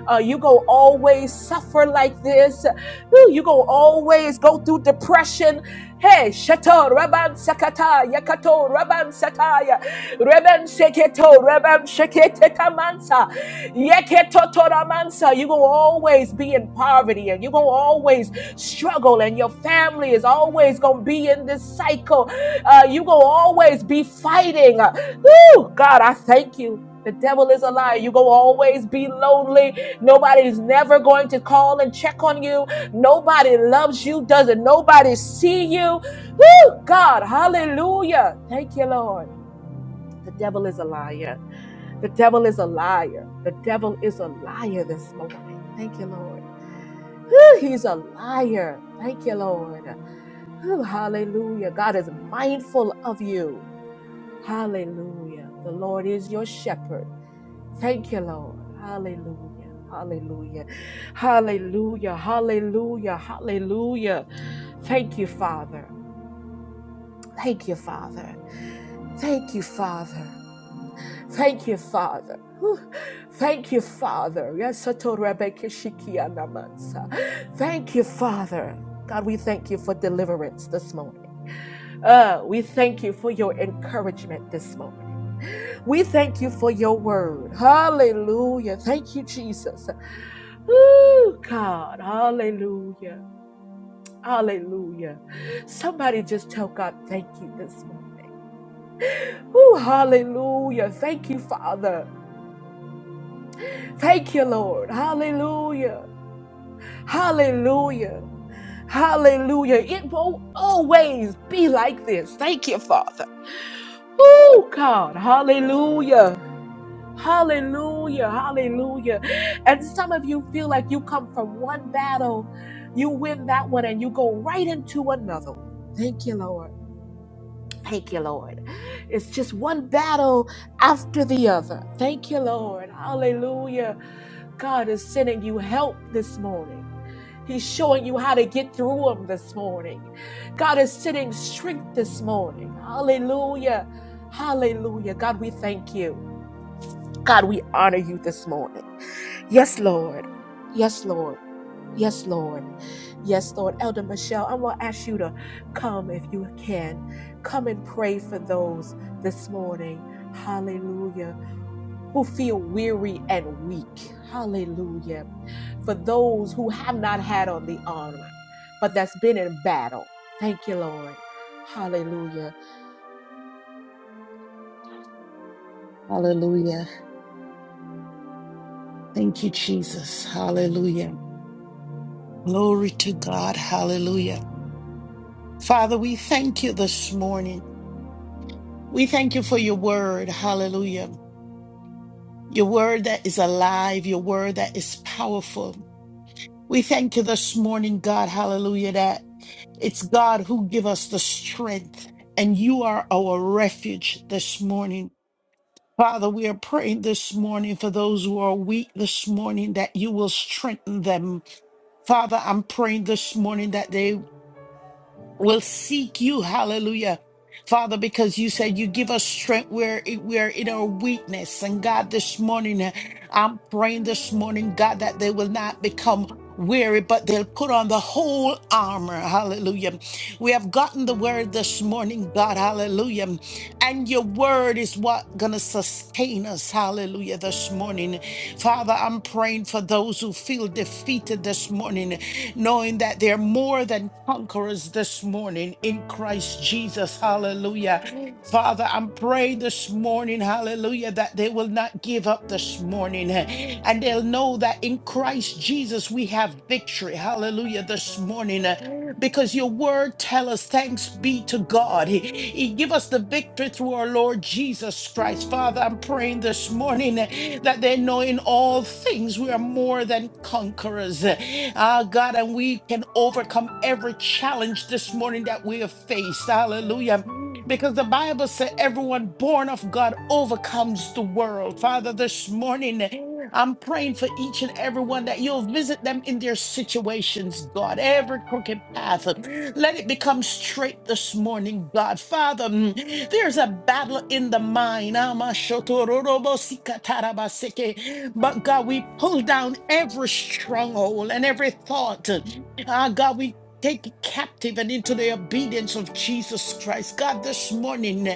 Uh, you go always suffer like this. Whew, You go always go through depression. Hey, shato raban sakata yakato raban sataya reban sheketo reban shekete tamansa. Yeketotoramansa, You're going to always be in poverty and you're going to always struggle, and your family is always going to be in this cycle. Uh, you're going to always be fighting. Oh God, I thank you. The devil is a liar. You're going to always be lonely. Nobody's never going to call and check on you. Nobody loves you. Doesn't nobody see you? Woo! God, hallelujah. Thank you, Lord. The devil is a liar. The devil is a liar. The devil is a liar this morning. Thank you, Lord. Whew, He's a liar. Thank you, Lord. Whew, hallelujah. God is mindful of you. Hallelujah. The Lord is your shepherd. Thank you, Lord. Hallelujah. Hallelujah. Hallelujah. Hallelujah. Hallelujah. Thank you, Father. Thank you, Father. Thank you, Father. Thank you, Father. Whew. Thank you, Father. Yes, Rebecca Shikia Namansa. Thank you, Father. God, we thank you for deliverance this morning. Uh, we thank you for your encouragement this morning. We thank you for your word. Hallelujah. Thank you, Jesus. Ooh, God. Hallelujah. Hallelujah. Somebody just tell God thank you this morning. Ooh, hallelujah. Thank you, Father. Thank you, Lord. Hallelujah. Hallelujah. Hallelujah. It won't always be like this. Thank you, Father. Oh, God. Hallelujah. Hallelujah. Hallelujah. And some of you feel like you come from one battle, you win that one, and you go right into another one. Thank you, Lord. Thank you, Lord. It's just one battle after the other. Thank you, Lord. Hallelujah. God is sending you help this morning. He's showing you how to get through them this morning. God is sending strength this morning. Hallelujah. Hallelujah. God, we thank you. God, we honor you this morning. Yes, Lord. Yes, Lord. Yes, Lord. Yes, Lord. Elder Michelle, I'm going to ask you to come if you can. Come and pray for those this morning. Hallelujah who feel weary and weak. Hallelujah. For those who have not had on the armor, but that's been in battle. Thank you, Lord. Hallelujah. Hallelujah. Thank you, Jesus. Hallelujah. Glory to God. Hallelujah. Father, we thank you this morning. We thank you for your word. Hallelujah. Your word that is alive, your word that is powerful. We thank you this morning, God. Hallelujah. That it's God who give us the strength and you are our refuge this morning. Father, we are praying this morning for those who are weak this morning that you will strengthen them. Father, I'm praying this morning that they will seek you. Hallelujah. Father, because you said you give us strength where it- we are in our weakness. And God, this morning, uh, I'm praying this morning, God, that they will not become weary, but they'll put on the whole armor. Hallelujah. We have gotten the word this morning, God. Hallelujah. And your word is what gonna sustain us. Hallelujah. This morning. Father, I'm praying for those who feel defeated this morning, knowing that they're more than conquerors this morning in Christ Jesus. Hallelujah. Amen. Father, I'm praying this morning, hallelujah, that they will not give up this morning eh, and they'll know that in Christ Jesus we have victory. Hallelujah. This morning, eh, because your word tell us thanks be to God. He, he give us the victory through our Lord Jesus Christ. Father, I'm praying this morning that they know in all things we are more than conquerors. Ah, God, and we can overcome every challenge this morning that we have faced. Hallelujah. Because the Bible said everyone born of God overcomes the world. Father, this morning, I'm praying for each and every one that you'll visit them in their situations, God. Every crooked path, let it become straight this morning, God. Father, mm, there's a battle in the mind. Amashotororobosikatarabaseke. But God, we pull down every stronghold and every thought. Ah, God, we Take captive and into the obedience of Jesus Christ. God, this morning,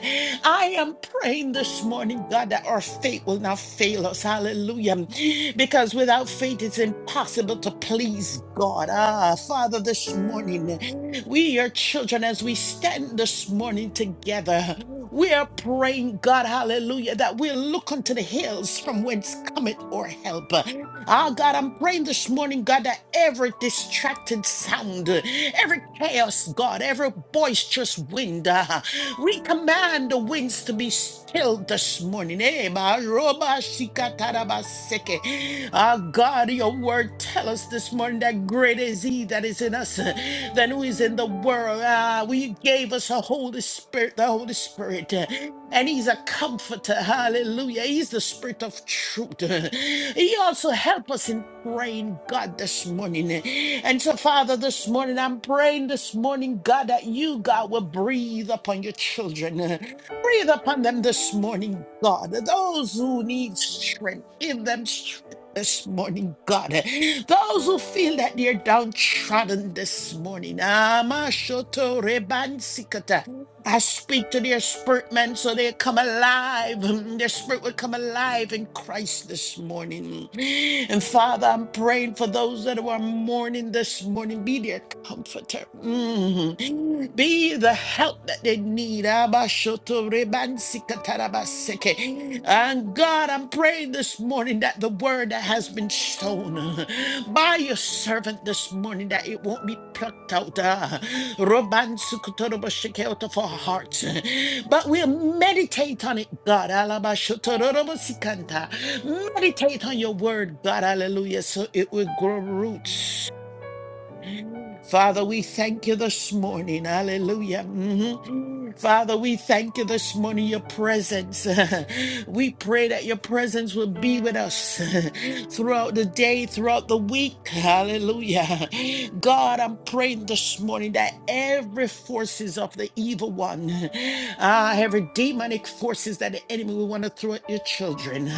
I am praying this morning, God, that our faith will not fail us. Hallelujah. Because without faith, it's impossible to please God. Ah, Father, this morning, we, your children, as we stand this morning together, we are praying, God, hallelujah, that we'll look unto the hills from whence cometh our help. Oh God, I'm praying this morning, God, that every distracted sound, uh, every chaos, God, every boisterous wind, uh, we command the winds to be still this morning. Eh, ma roba shikatarabaseke. Ah, God, your word tell us this morning that great is he that is in us than who is in the world. Ah, we gave us a Holy Spirit, the Holy Spirit, uh, and He's a comforter. Hallelujah. He's the Spirit of truth. He also help us in praying, God, this morning. And so, Father, this morning, I'm praying this morning, God, that you, God, will breathe upon your children. Breathe upon them this morning, God. Those who need strength, give them strength this morning, God. Those who feel that they're downtrodden this morning, Amashoto I speak to their spirit, man, so they come alive. Mm, Their spirit will come alive in Christ this morning. And Father, I'm praying for those that are mourning this morning. Be their comforter. Mm. Be the help that they need. Amashoto Rebansikata Rabaseke. And God, pray this morning that the word that has been sown uh, by your servant this morning that it won't be plucked out uh, robansukutorobashike out of our hearts uh, but we'll meditate on it god alabashotorobosikanta. meditate on your word god hallelujah so it will grow roots father we thank you this morning hallelujah Mhm. Father, we thank you this morning, your presence. we pray that your presence will be with us throughout the day, throughout the week. Hallelujah. God, I'm praying this morning that every forces of the evil one, ah, every demonic forces that the enemy will want to throw at your your children.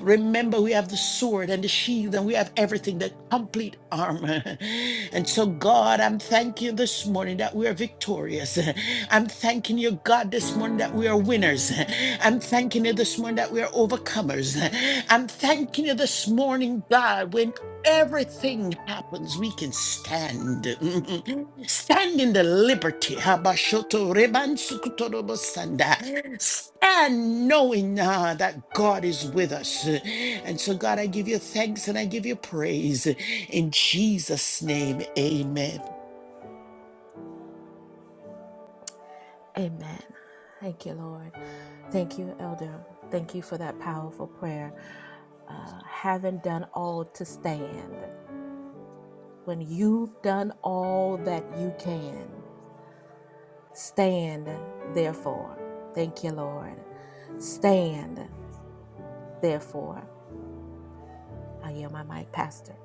Remember, we have the sword and the shield, and we have everything, the complete armor. And so, God, I'm thanking you this morning that we are victorious. I'm thanking you, God, this morning that we are winners. I'm thanking you this morning that we are overcomers. I'm thanking you this morning, God, when Everything happens, we can stand. Stand in the liberty. Habashoto reban sukutorobo sanda. Stand knowing uh, that God is with us. And so, God, I give you thanks and I give you praise. In Jesus' name, amen. Amen. Thank you, Lord. Thank you, Elder. Thank you for that powerful prayer. Uh, having done all to stand, when you've done all that you can, stand, therefore. Thank you, Lord. Stand, therefore. I yield my mic, Pastor.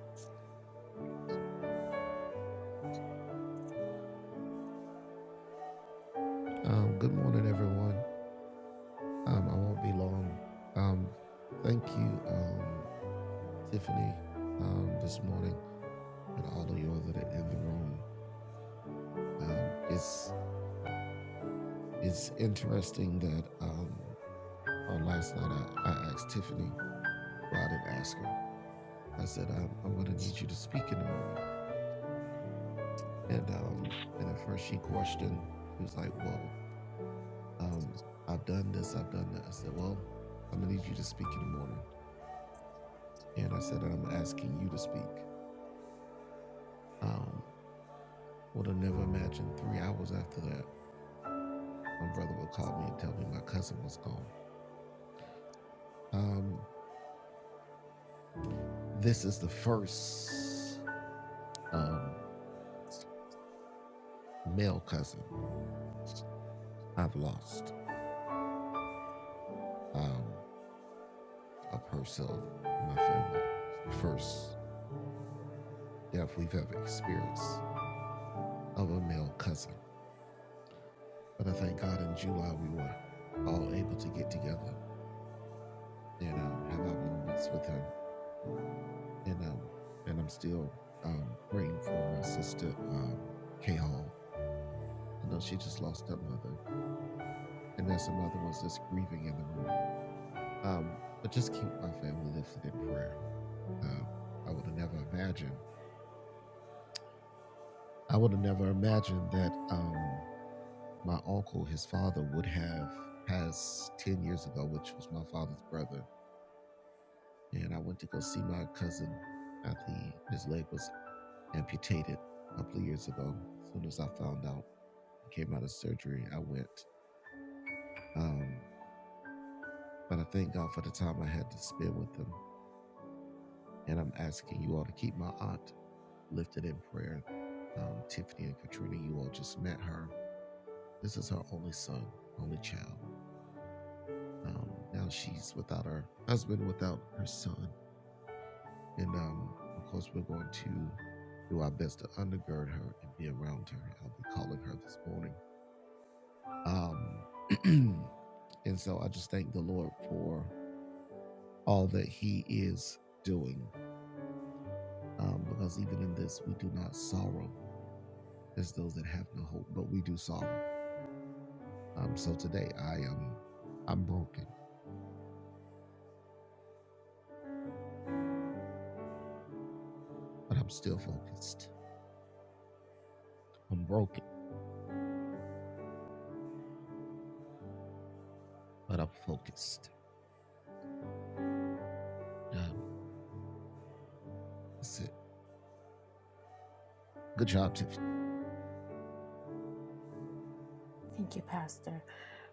Thank you, Pastor.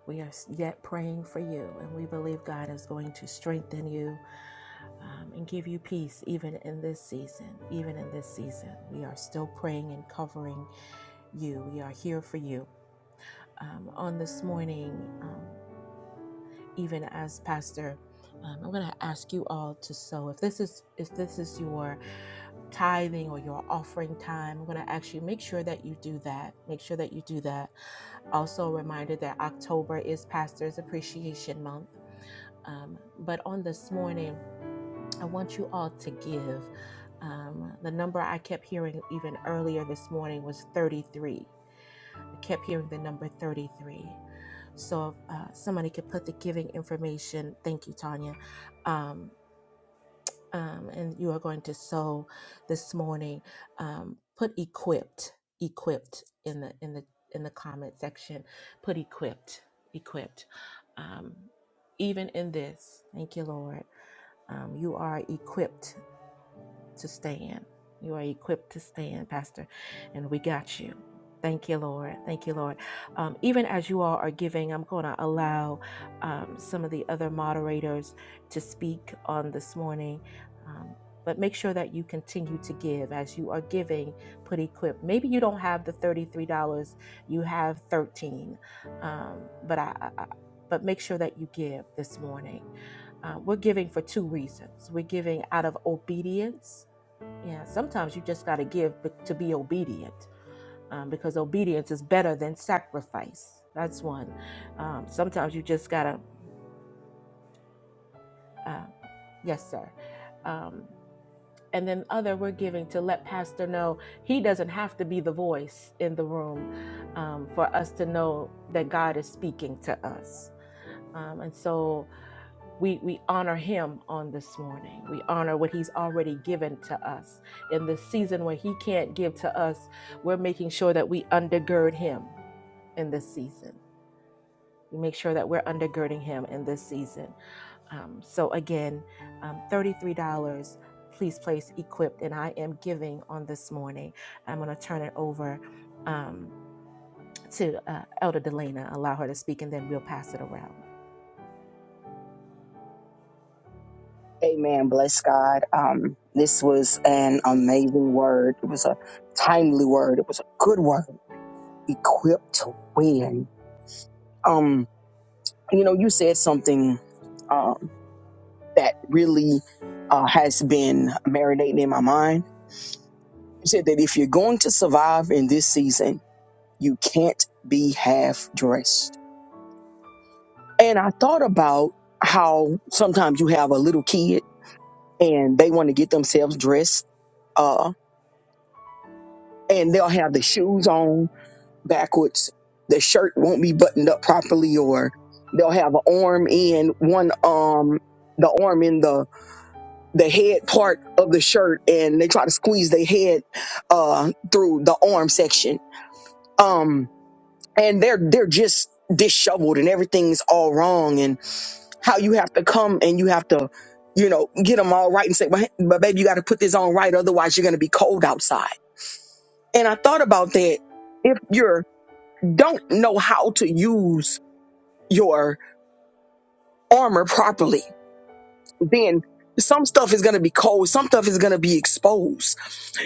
We are s- yet praying for you, and we believe God is going to strengthen you um, and give you peace even in this season. Even in this season, we are still praying and covering you. We are here for you. Um, on this morning, um, even as pastor, um, I'm going to ask you all to sow. If this is if this is your tithing or your offering time, I'm going to actually make sure that you do that. Make sure that you do that. Also, a reminder that October is Pastor's Appreciation Month. Um, but on this morning, I want you all to give. Um, the number I kept hearing even earlier this morning was 33. I kept hearing the number 33. So if uh, somebody could put the giving information, thank you, Tanya. Um, um, and you are going to sow this morning. Um, put equipped, equipped in the in the in the comment section. Put equipped, equipped. Um, even in this, thank you, Lord um, you are equipped to stand. You are equipped to stand, Pastor, and we got you. Thank you, Lord. Thank you, Lord. Um, even as you all are giving, I'm going to allow um, some of the other moderators to speak on this morning. Um, but make sure that you continue to give as you are giving. Put equipped. Maybe you don't have the thirty-three dollars; you have thirteen. dollars. Um, but I, I- but make sure that you give this morning. Uh, we're giving for two reasons. We're giving out of obedience yeah, sometimes you just got to give be- to be obedient um, because obedience is better than sacrifice. That's one. Um, sometimes you just got to, uh, yes, sir. Um, and then other, we're giving to let Pastor know he doesn't have to be the voice in the room um, for us to know that God is speaking to us. Um, and so, we we honor him on this morning we honor what he's already given to us in the season where he can't give to us we're making sure that we undergird him in this season we make sure that we're undergirding him in this season um, so again um, $33 please place equipped and i am giving on this morning i'm going to turn it over um, to uh, elder delana allow her to speak and then we'll pass it around Amen. Bless God. Um, this was an amazing word. It was a timely word. It was a good word. Equipped to win. Um, you know, you said something um, that really uh, has been marinating in my mind. You said that if you're going to survive in this season, you can't be half dressed. And I thought about how sometimes you have a little kid and they want to get themselves dressed, uh, and they'll have the shoes on backwards. The shirt won't be buttoned up properly, or they'll have an arm in one um the arm in the the head part of the shirt, and they try to squeeze their head uh through the arm section. Um, and they're they're just disheveled, and everything's all wrong. And how you have to come and you have to you know get them all right and say, but, but baby, you got to put this on right, otherwise you're gonna be cold outside. And I thought about that. If you are don't know how to use your armor properly, then some stuff is going to be cold. Some stuff is going to be exposed.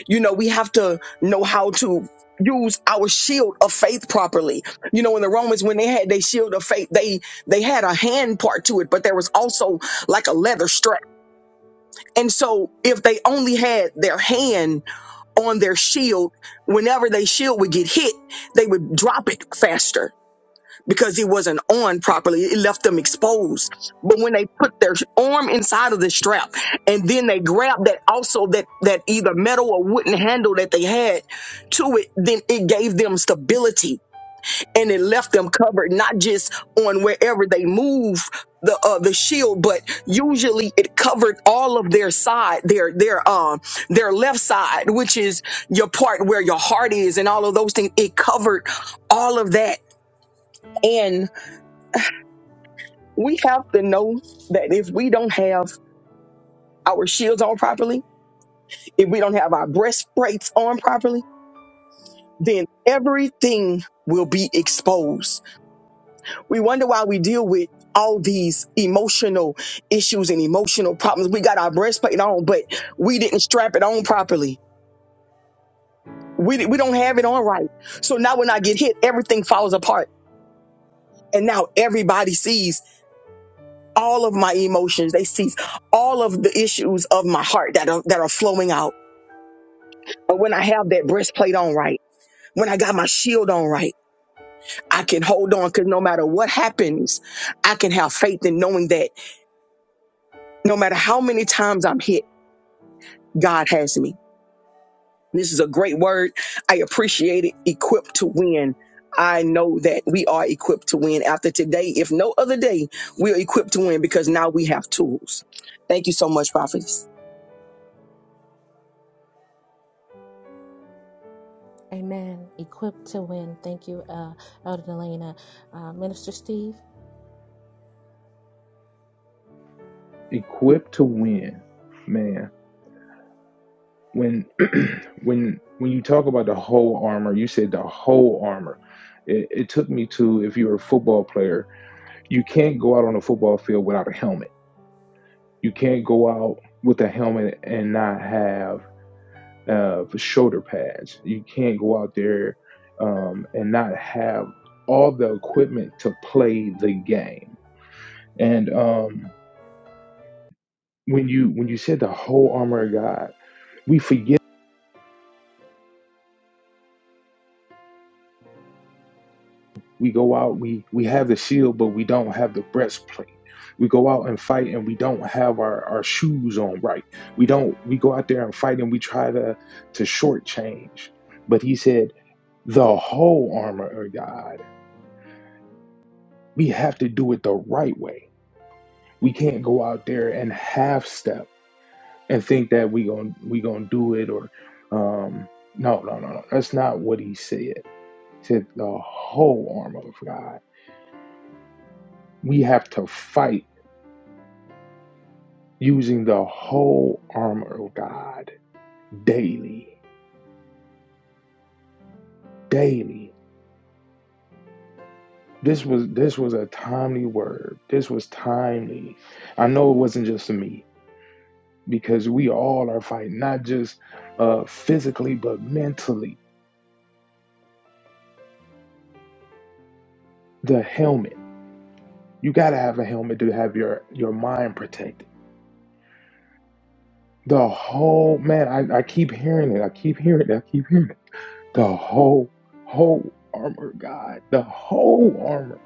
You know, we have to know how to use our shield of faith properly. You know, in the Romans, when they had their shield of faith, they, they had a hand part to it, but there was also like a leather strap. And so if they only had their hand on their shield, whenever their shield would get hit, they would drop it faster because it wasn't on properly. It left them exposed. But when they put their arm inside of the strap and then they grabbed that also that that either metal or wooden handle that they had to it, then it gave them stability and it left them covered, not just on wherever they move the uh, the shield, but usually it covered all of their side, their their um their left side, which is your part where your heart is and all of those things. It covered all of that. and. we have to know that if we don't have our shields on properly, if we don't have our breastplates on properly, then everything will be exposed. We wonder why we deal with all these emotional issues and emotional problems. We got our breastplate on, but we didn't strap it on properly. We, di- we don't have it on right. So now when I get hit, everything falls apart. And now everybody sees all of my emotions. They see all of the issues of my heart that are, that are flowing out But when I have that breastplate on right, when I got my shield on right, I can hold on because no matter what happens, I can have faith in knowing that no matter how many times I'm hit, God has me. This is a great word. I appreciate it. Equipped to win. I know that we are equipped to win after today. If no other day, we are equipped to win because now we have tools. Thank you so much, Prophet. Amen. Equipped to win. Thank you, uh, Elder Delana. Uh, Minister Steve. equipped to win man when when when you talk about the whole armor you said the whole armor it, it took me to if you're a football player you can't go out on a football field without a helmet you can't go out with a helmet and not have uh, shoulder pads you can't go out there um, and not have all the equipment to play the game and um, when you when you said the whole armor of god we forget We go out, we we have the shield, but we don't have the breastplate. We go out and fight and we don't have our, our shoes on right. We don't we go out there and fight and we try to to shortchange. But he said, the whole armor of God. We have to do it the right way. We can't go out there and half step and think that we gonna we gonna do it or um no no no no that's not what he said. He said the whole armor of God. We have to fight using the whole armor of God daily, daily. This was this was a timely word. This was timely. I know it wasn't just for me because we all are fighting not just uh, physically but mentally. The helmet. You got to have a helmet to have your your mind protected. The whole man. I, I keep hearing it. I keep hearing it. I keep hearing it. The whole whole armor, God. The whole armor,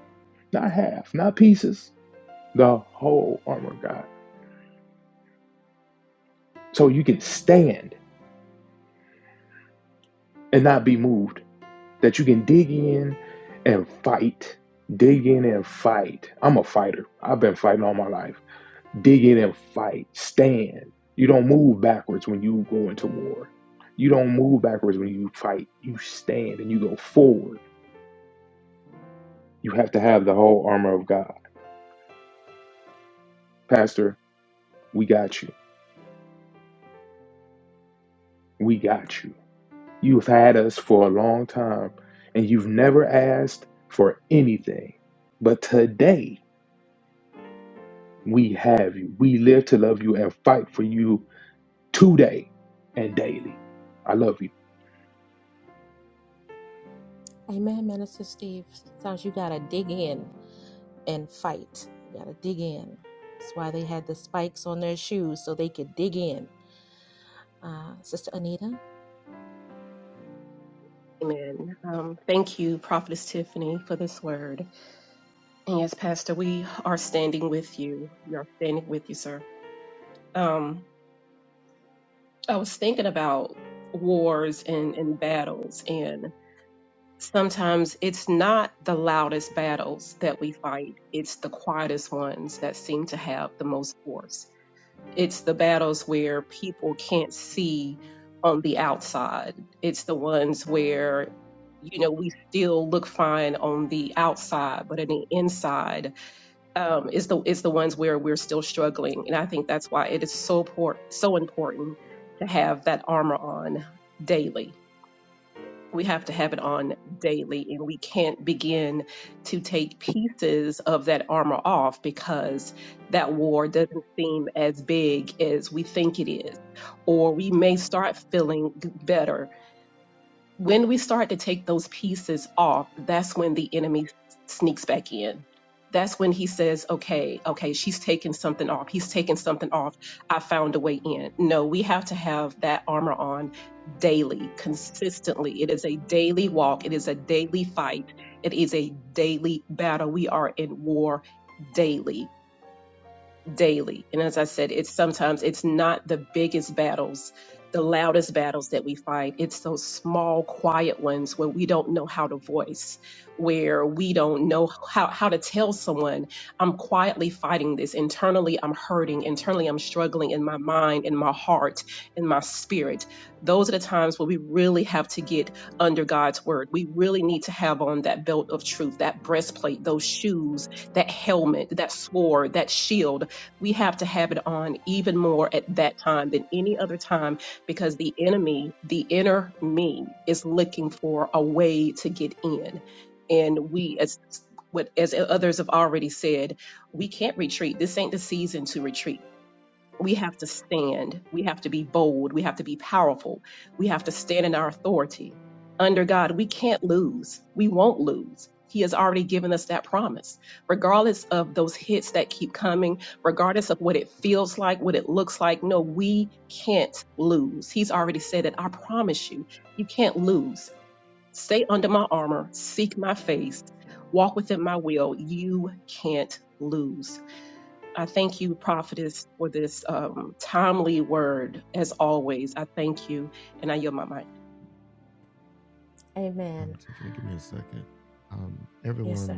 not half, not pieces the whole armor of God. So you can stand and not be moved, that you can dig in and fight. Dig in and fight. I'm a fighter. I've been fighting all my life. Dig in and fight. Stand. You don't move backwards when you go into war. You don't move backwards when you fight. You stand and you go forward. You have to have the whole armor of God. Pastor, we got you. We got you You've had us for a long time and you've never asked for anything. But today we have you. We live to love you and fight for you today and daily. I love you. Amen, Minister Steve. Sometimes you got to dig in and fight. You got to dig in. That's why they had the spikes on their shoes so they could dig in. Uh, Sister Anita. Amen. Um, thank you, Prophetess Tiffany, for this word. And yes, Pastor, we are standing with you. We are standing with you, sir. Um, I was thinking about wars and, and battles, and sometimes it's not the loudest battles that we fight, it's the quietest ones that seem to have the most force it's the battles where people can't see on the outside. It's the ones where, you know, we still look fine on the outside, but on the inside um, is the is the ones where we're still struggling. And I think that's why it is so port so important to have that armor on daily we have to have it on daily and we can't begin to take pieces of that armor off because that war doesn't seem as big as we think it is or we may start feeling g- better when we start to take those pieces off, that's when the enemy sneaks back in. That's when he says, okay, okay, she's taking something off. He's taking something off. I found a way in. No, we have to have that armor on daily, consistently. It is a daily walk, it is a daily fight, it is a daily battle. We are in war daily daily. And as I said, it's sometimes it's not the biggest battles, the loudest battles that we fight. It's those small, quiet ones where we don't know how to voice, where we don't know how, how to tell someone, I'm quietly fighting this. Internally, I'm hurting. Internally, I'm struggling in my mind, in my heart, in my spirit. Those are the times where we really have to get under God's word. We really need to have on that belt of truth, that breastplate, those shoes, that helmet, that sword, that shield we have to have it on even more at that time than any other time because the enemy, the inner me, is looking for a way to get in. And we, as what as others have already said, we can't retreat. This ain't the season to retreat we have to stand. We have to be bold. We have to be powerful. We have to stand in our authority. Under God, we can't lose. We won't lose. He has already given us that promise. Regardless of those hits that keep coming, regardless of what it feels like, what it looks like, no, we can't lose. He's already said it. I promise you, you can't lose. Stay under my armor, seek my face, walk within my will. You can't lose. I thank you, prophetess, for this um, timely word. As always, I thank you, and I yield my mic. Amen. Yes, sir.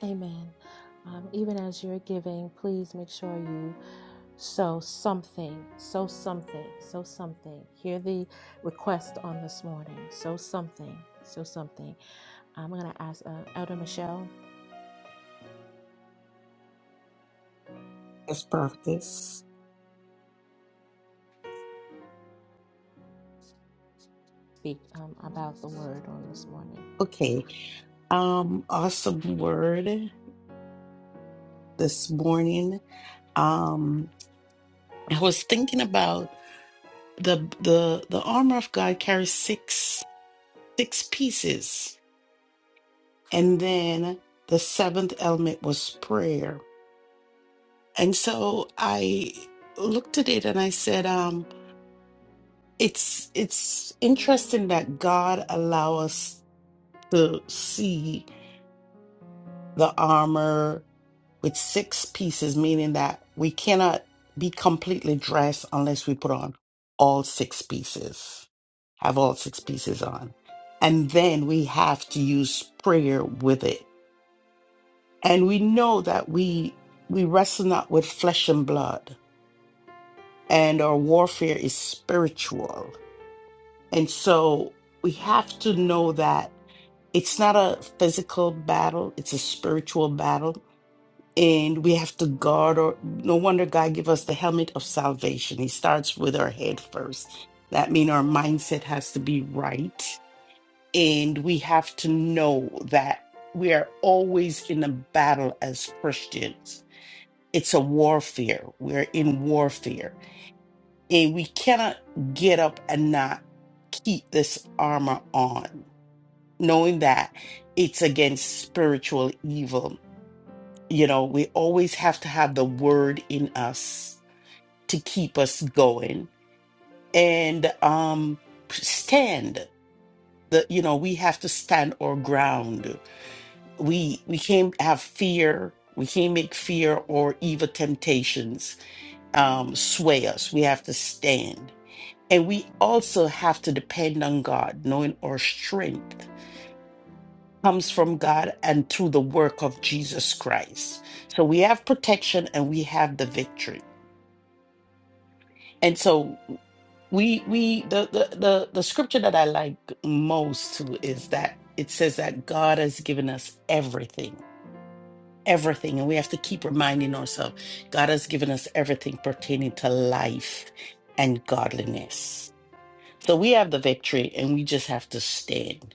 Amen. Um, even as you're giving, please make sure you sow something, sow something, sow something. Hear the request on this morning. Sow something, sow something. I'm going to ask uh, Elder Michelle Yes, Prophetess. to speak um, about the word on this morning. Okay. Um, awesome word this morning. Um, I was thinking about the the the armor of God carries six six pieces. And then the seventh element was prayer. And so I looked at it and I said, um, it's it's interesting that God allow us to see the armor with six pieces, meaning that we cannot be completely dressed unless we put on all six pieces, have all six pieces on. And then we have to use prayer with it And we know that we we wrestle not with flesh and blood, and our warfare is spiritual. And so we have to know that it's not a physical battle, it's a spiritual battle. And we have to guard or no wonder God give us the helmet of salvation. He starts with our head first. That means our mindset has to be right. And we have to know that we are always in a battle as Christians It's a warfare. We're in warfare. And we cannot get up and not keep this armor on, knowing that it's against spiritual evil. You know, we always have to have the word in us to keep us going and um stand. The, you know, we have to stand our ground. We we can't have fear. We can't make fear or evil temptations um, sway us. We have to stand. And we also have to depend on God, knowing our strength comes from God and through the work of Jesus Christ. So we have protection and we have the victory. And so we we the the the, the scripture that I like most too is that it says that God has given us everything. Everything, and we have to keep reminding ourselves God has given us everything pertaining to life and godliness. So we have the victory and we just have to stand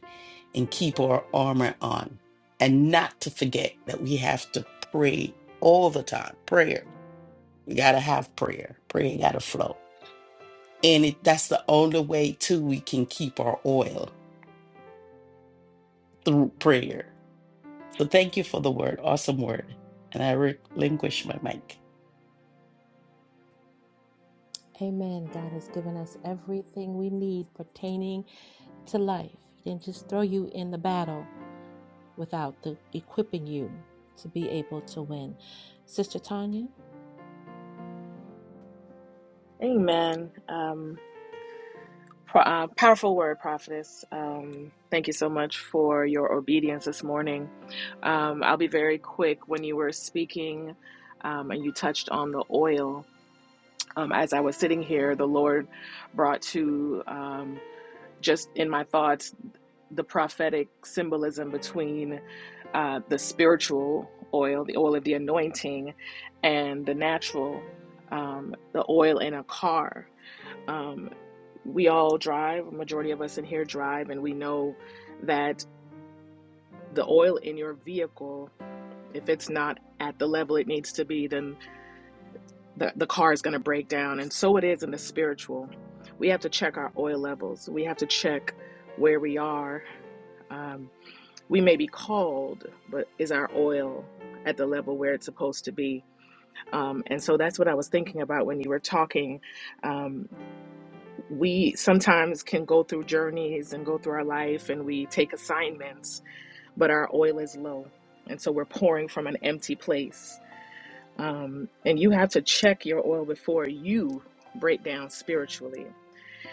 and keep our armor on and not to forget that we have to pray all the time. Prayer. We got to have prayer. Prayer got to flow. And it, that's the only way too we can keep our oil through prayer. So thank you for the word. Awesome word. And I relinquish my mic. Amen. God has given us everything we need pertaining to life. He didn't just throw you in the battle without the equipping you to be able to win. Sister Tanya? Amen. Um, pro- uh, powerful word, Prophetess. Um, thank you so much for your obedience this morning. Um, I'll be very quick. When you were speaking um, and you touched on the oil, um, as I was sitting here, the Lord brought to um, just in my thoughts the prophetic symbolism between uh, the spiritual oil, the oil of the anointing, and the natural, um, the oil in a car. Um, we all drive, a majority of us in here drive, and we know that the oil in your vehicle, if it's not at the level it needs to be, then the, the car is going to break down. And so it is in the spiritual. We have to check our oil levels, we have to check where we are. um, we may be called, but is our oil at the level where it's supposed to be? Um, and so that's what I was thinking about when you were talking. Um, we sometimes can go through journeys and go through our life and we take assignments, but our oil is low. And so we're pouring from an empty place. Um, and you have to check your oil before you break down spiritually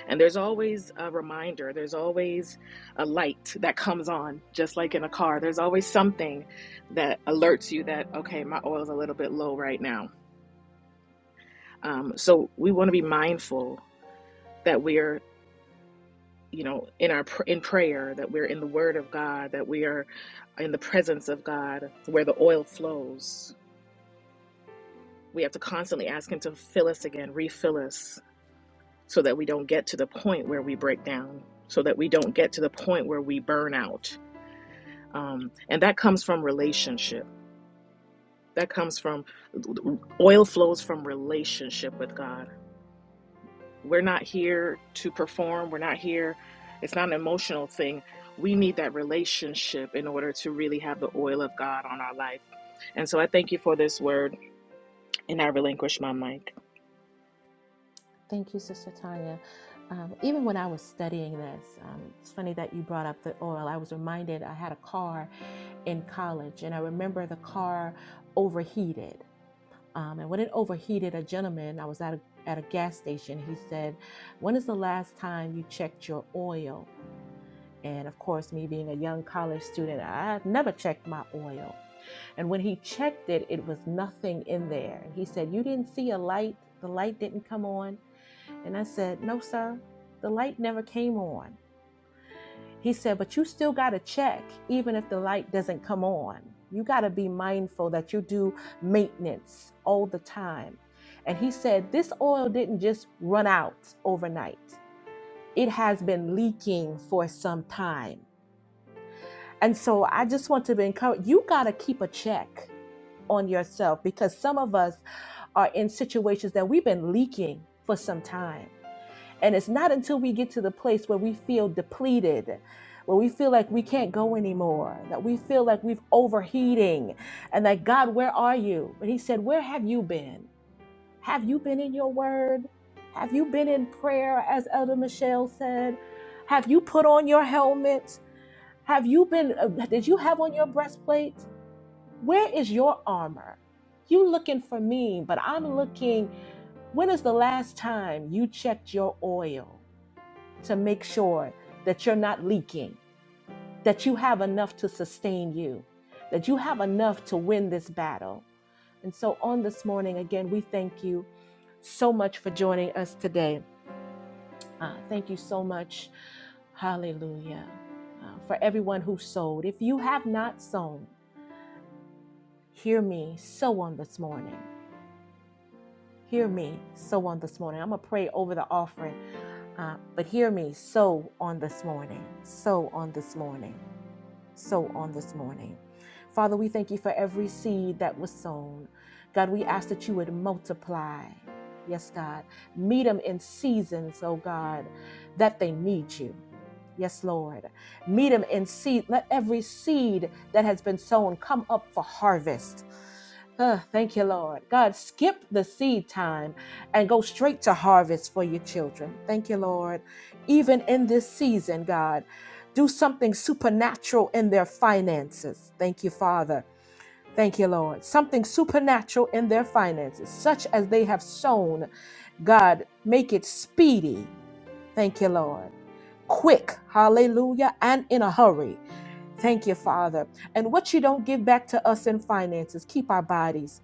and there's always a reminder, there's always a light that comes on, just like in a car. There's always something that alerts you that, okay, my oil is a little bit low right now. Um, so we want to be mindful that we're you know in our in prayer that we're in the word of god that we are in the presence of god where the oil flows we have to constantly ask him to fill us again refill us so that we don't get to the point where we break down so that we don't get to the point where we burn out um, and that comes from relationship that comes from oil flows from relationship with god we're not here to perform we're not here it's not an emotional thing we need that relationship in order to really have the oil of god on our life and so i thank you for this word and i relinquish my mic Thank you, Sister Tanya. Um, even when I was studying this, um, it's funny that you brought up the oil. I was reminded I had a car in college, and I remember the car overheated. Um, and when it overheated, a gentleman, I was at a, at a gas station, he said, When is the last time you checked your oil? And of course, me being a young college student, I had never checked my oil. And when he checked it, it was nothing in there. And he said, You didn't see a light, the light didn't come on and I said, No, sir, the light never came on. He said, But you still got to check, even if the light doesn't come on. You got to be mindful that you do maintenance all the time. And he said, This oil didn't just run out overnight, it has been leaking for some time. And so I just want to encourage you got to keep a check on yourself because some of us are in situations that we've been leaking for some time And it's not until we get to the place where we feel depleted, where we feel like we can't go anymore, that we feel like we've overheating, and like, God, where are you? But He said, Where have you been? Have you been in your word? Have you been in prayer, as Elder Michelle said? Have you put on your helmet? Have you been, uh, did you have on your breastplate? Where is your armor? You looking for me, but I'm looking, when is the last time you checked your oil? to make sure that you're not leaking, that you have enough to sustain you, that you have enough to win this battle. And so, on this morning, again, we thank you so much for joining us today. Uh, thank you so much. Hallelujah. Uh, for everyone who sowed. If you have not sown, hear me sow on this morning. Hear me sow on this morning. I'm going to pray over the offering, uh, but hear me sow on this morning. Sow on this morning sow on this morning. Father, we thank you for every seed that was sown. God, we ask that you would multiply. Yes, God. Meet them in seasons, oh God, that they need you. Yes, Lord. Meet them in seed. Let every seed that has been sown come up for harvest Huh, thank you, Lord. God, skip the seed time and go straight to harvest for your children. Thank you, Lord. Even in this season, God, do something supernatural in their finances. Thank you, Father. Thank you, Lord. Something supernatural in their finances, such as they have sown. God, make it speedy. Thank you, Lord. Quick, hallelujah, and in a hurry. Thank you, Father. And what you don't give back to us in finances, keep our bodies.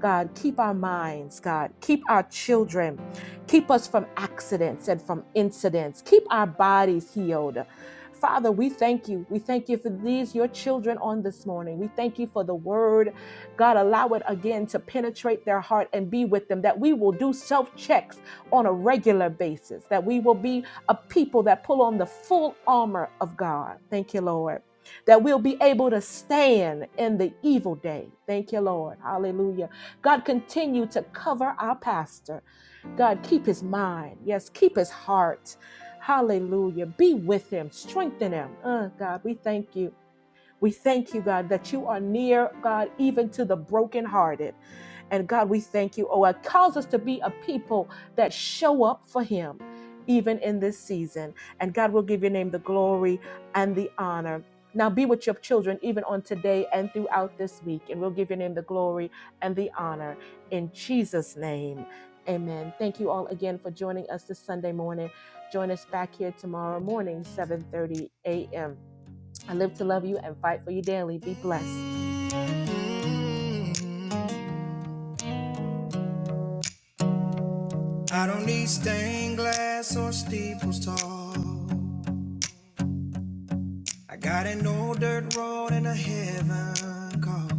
God, keep our minds, God, keep our children, keep us from accidents and from incidents, keep our bodies healed. Father, we thank you. We thank you for these, your children, on this morning. We thank you for the word. God, allow it again to penetrate their heart and be with them, that we will do self checks on a regular basis, that we will be a people that pull on the full armor of God. Thank you, Lord. That we'll be able to stand in the evil day. Thank you, Lord. Hallelujah God, continue to cover our pastor. God, keep his mind. Yes, keep his heart. Hallelujah. Be with him, strengthen him. Uh, God, we thank you. We thank you, God, that you are near, God, even to the brokenhearted. And God, we thank you. Oh, it calls us to be a people that show up for Him, even in this season. And God will give your name the glory and the honor. Now be with your children, even on today and throughout this week. And we'll give your name the glory and the honor. In Jesus' name, amen. Thank you all again for joining us this Sunday morning. Join us back here tomorrow morning, 7.30 a.m. I live to love you and fight for you daily. Be blessed. I don't need stained glass or steeples tall. I got an old dirt road and a heaven call.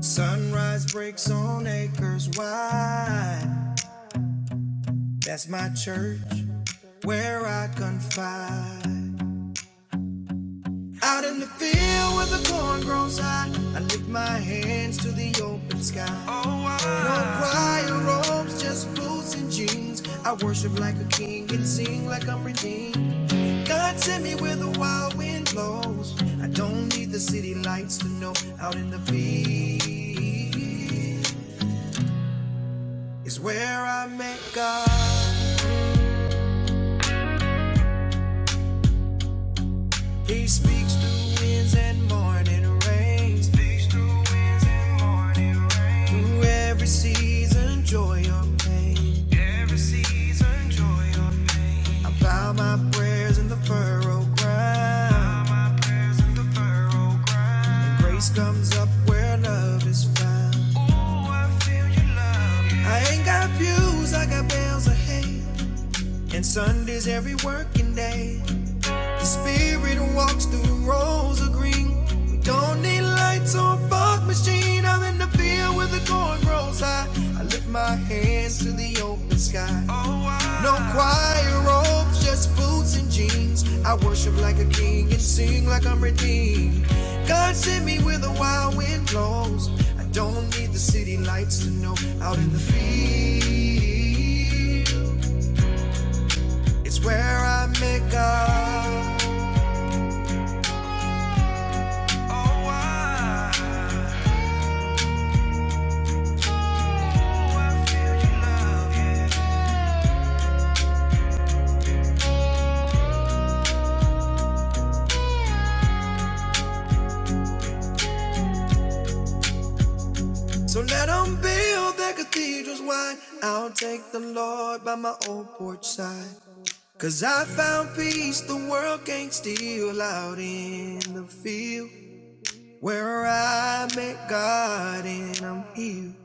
Sunrise breaks on acres wide. That's my church where I confide. Out in the field where the corn grows high, I lift my hands to the open sky. No choir robes, just boots and jeans. I worship like a king and sing like I'm redeemed. God sent me where the wild wind blows. I don't need the city lights to know. Out in the field is where I met God. He speaks through winds and morning rains. Speaks Through through every season, joy or pain. Season, joy or- I bow my prayers in the furrow ground. Grace comes up where love is found. I ain't got views, I got bales of hay. And Sunday's every working day. The spirit walks through the rows of green. We don't need lights or a fog machine. I'm in the field where the corn grows high. I lift my hands to the open sky. No choir robes, just boots and jeans. I worship like a king and sing like I'm redeemed. God sent me where the wild wind blows. I don't need the city lights to know. Out in the field, it's where I make God. Oh, I, oh, I feel your love, yeah. So let them build their cathedrals wide. I'll take the Lord by my old porch side. Cause I found peace the world can't steal out in the field where I met God and I'm healed.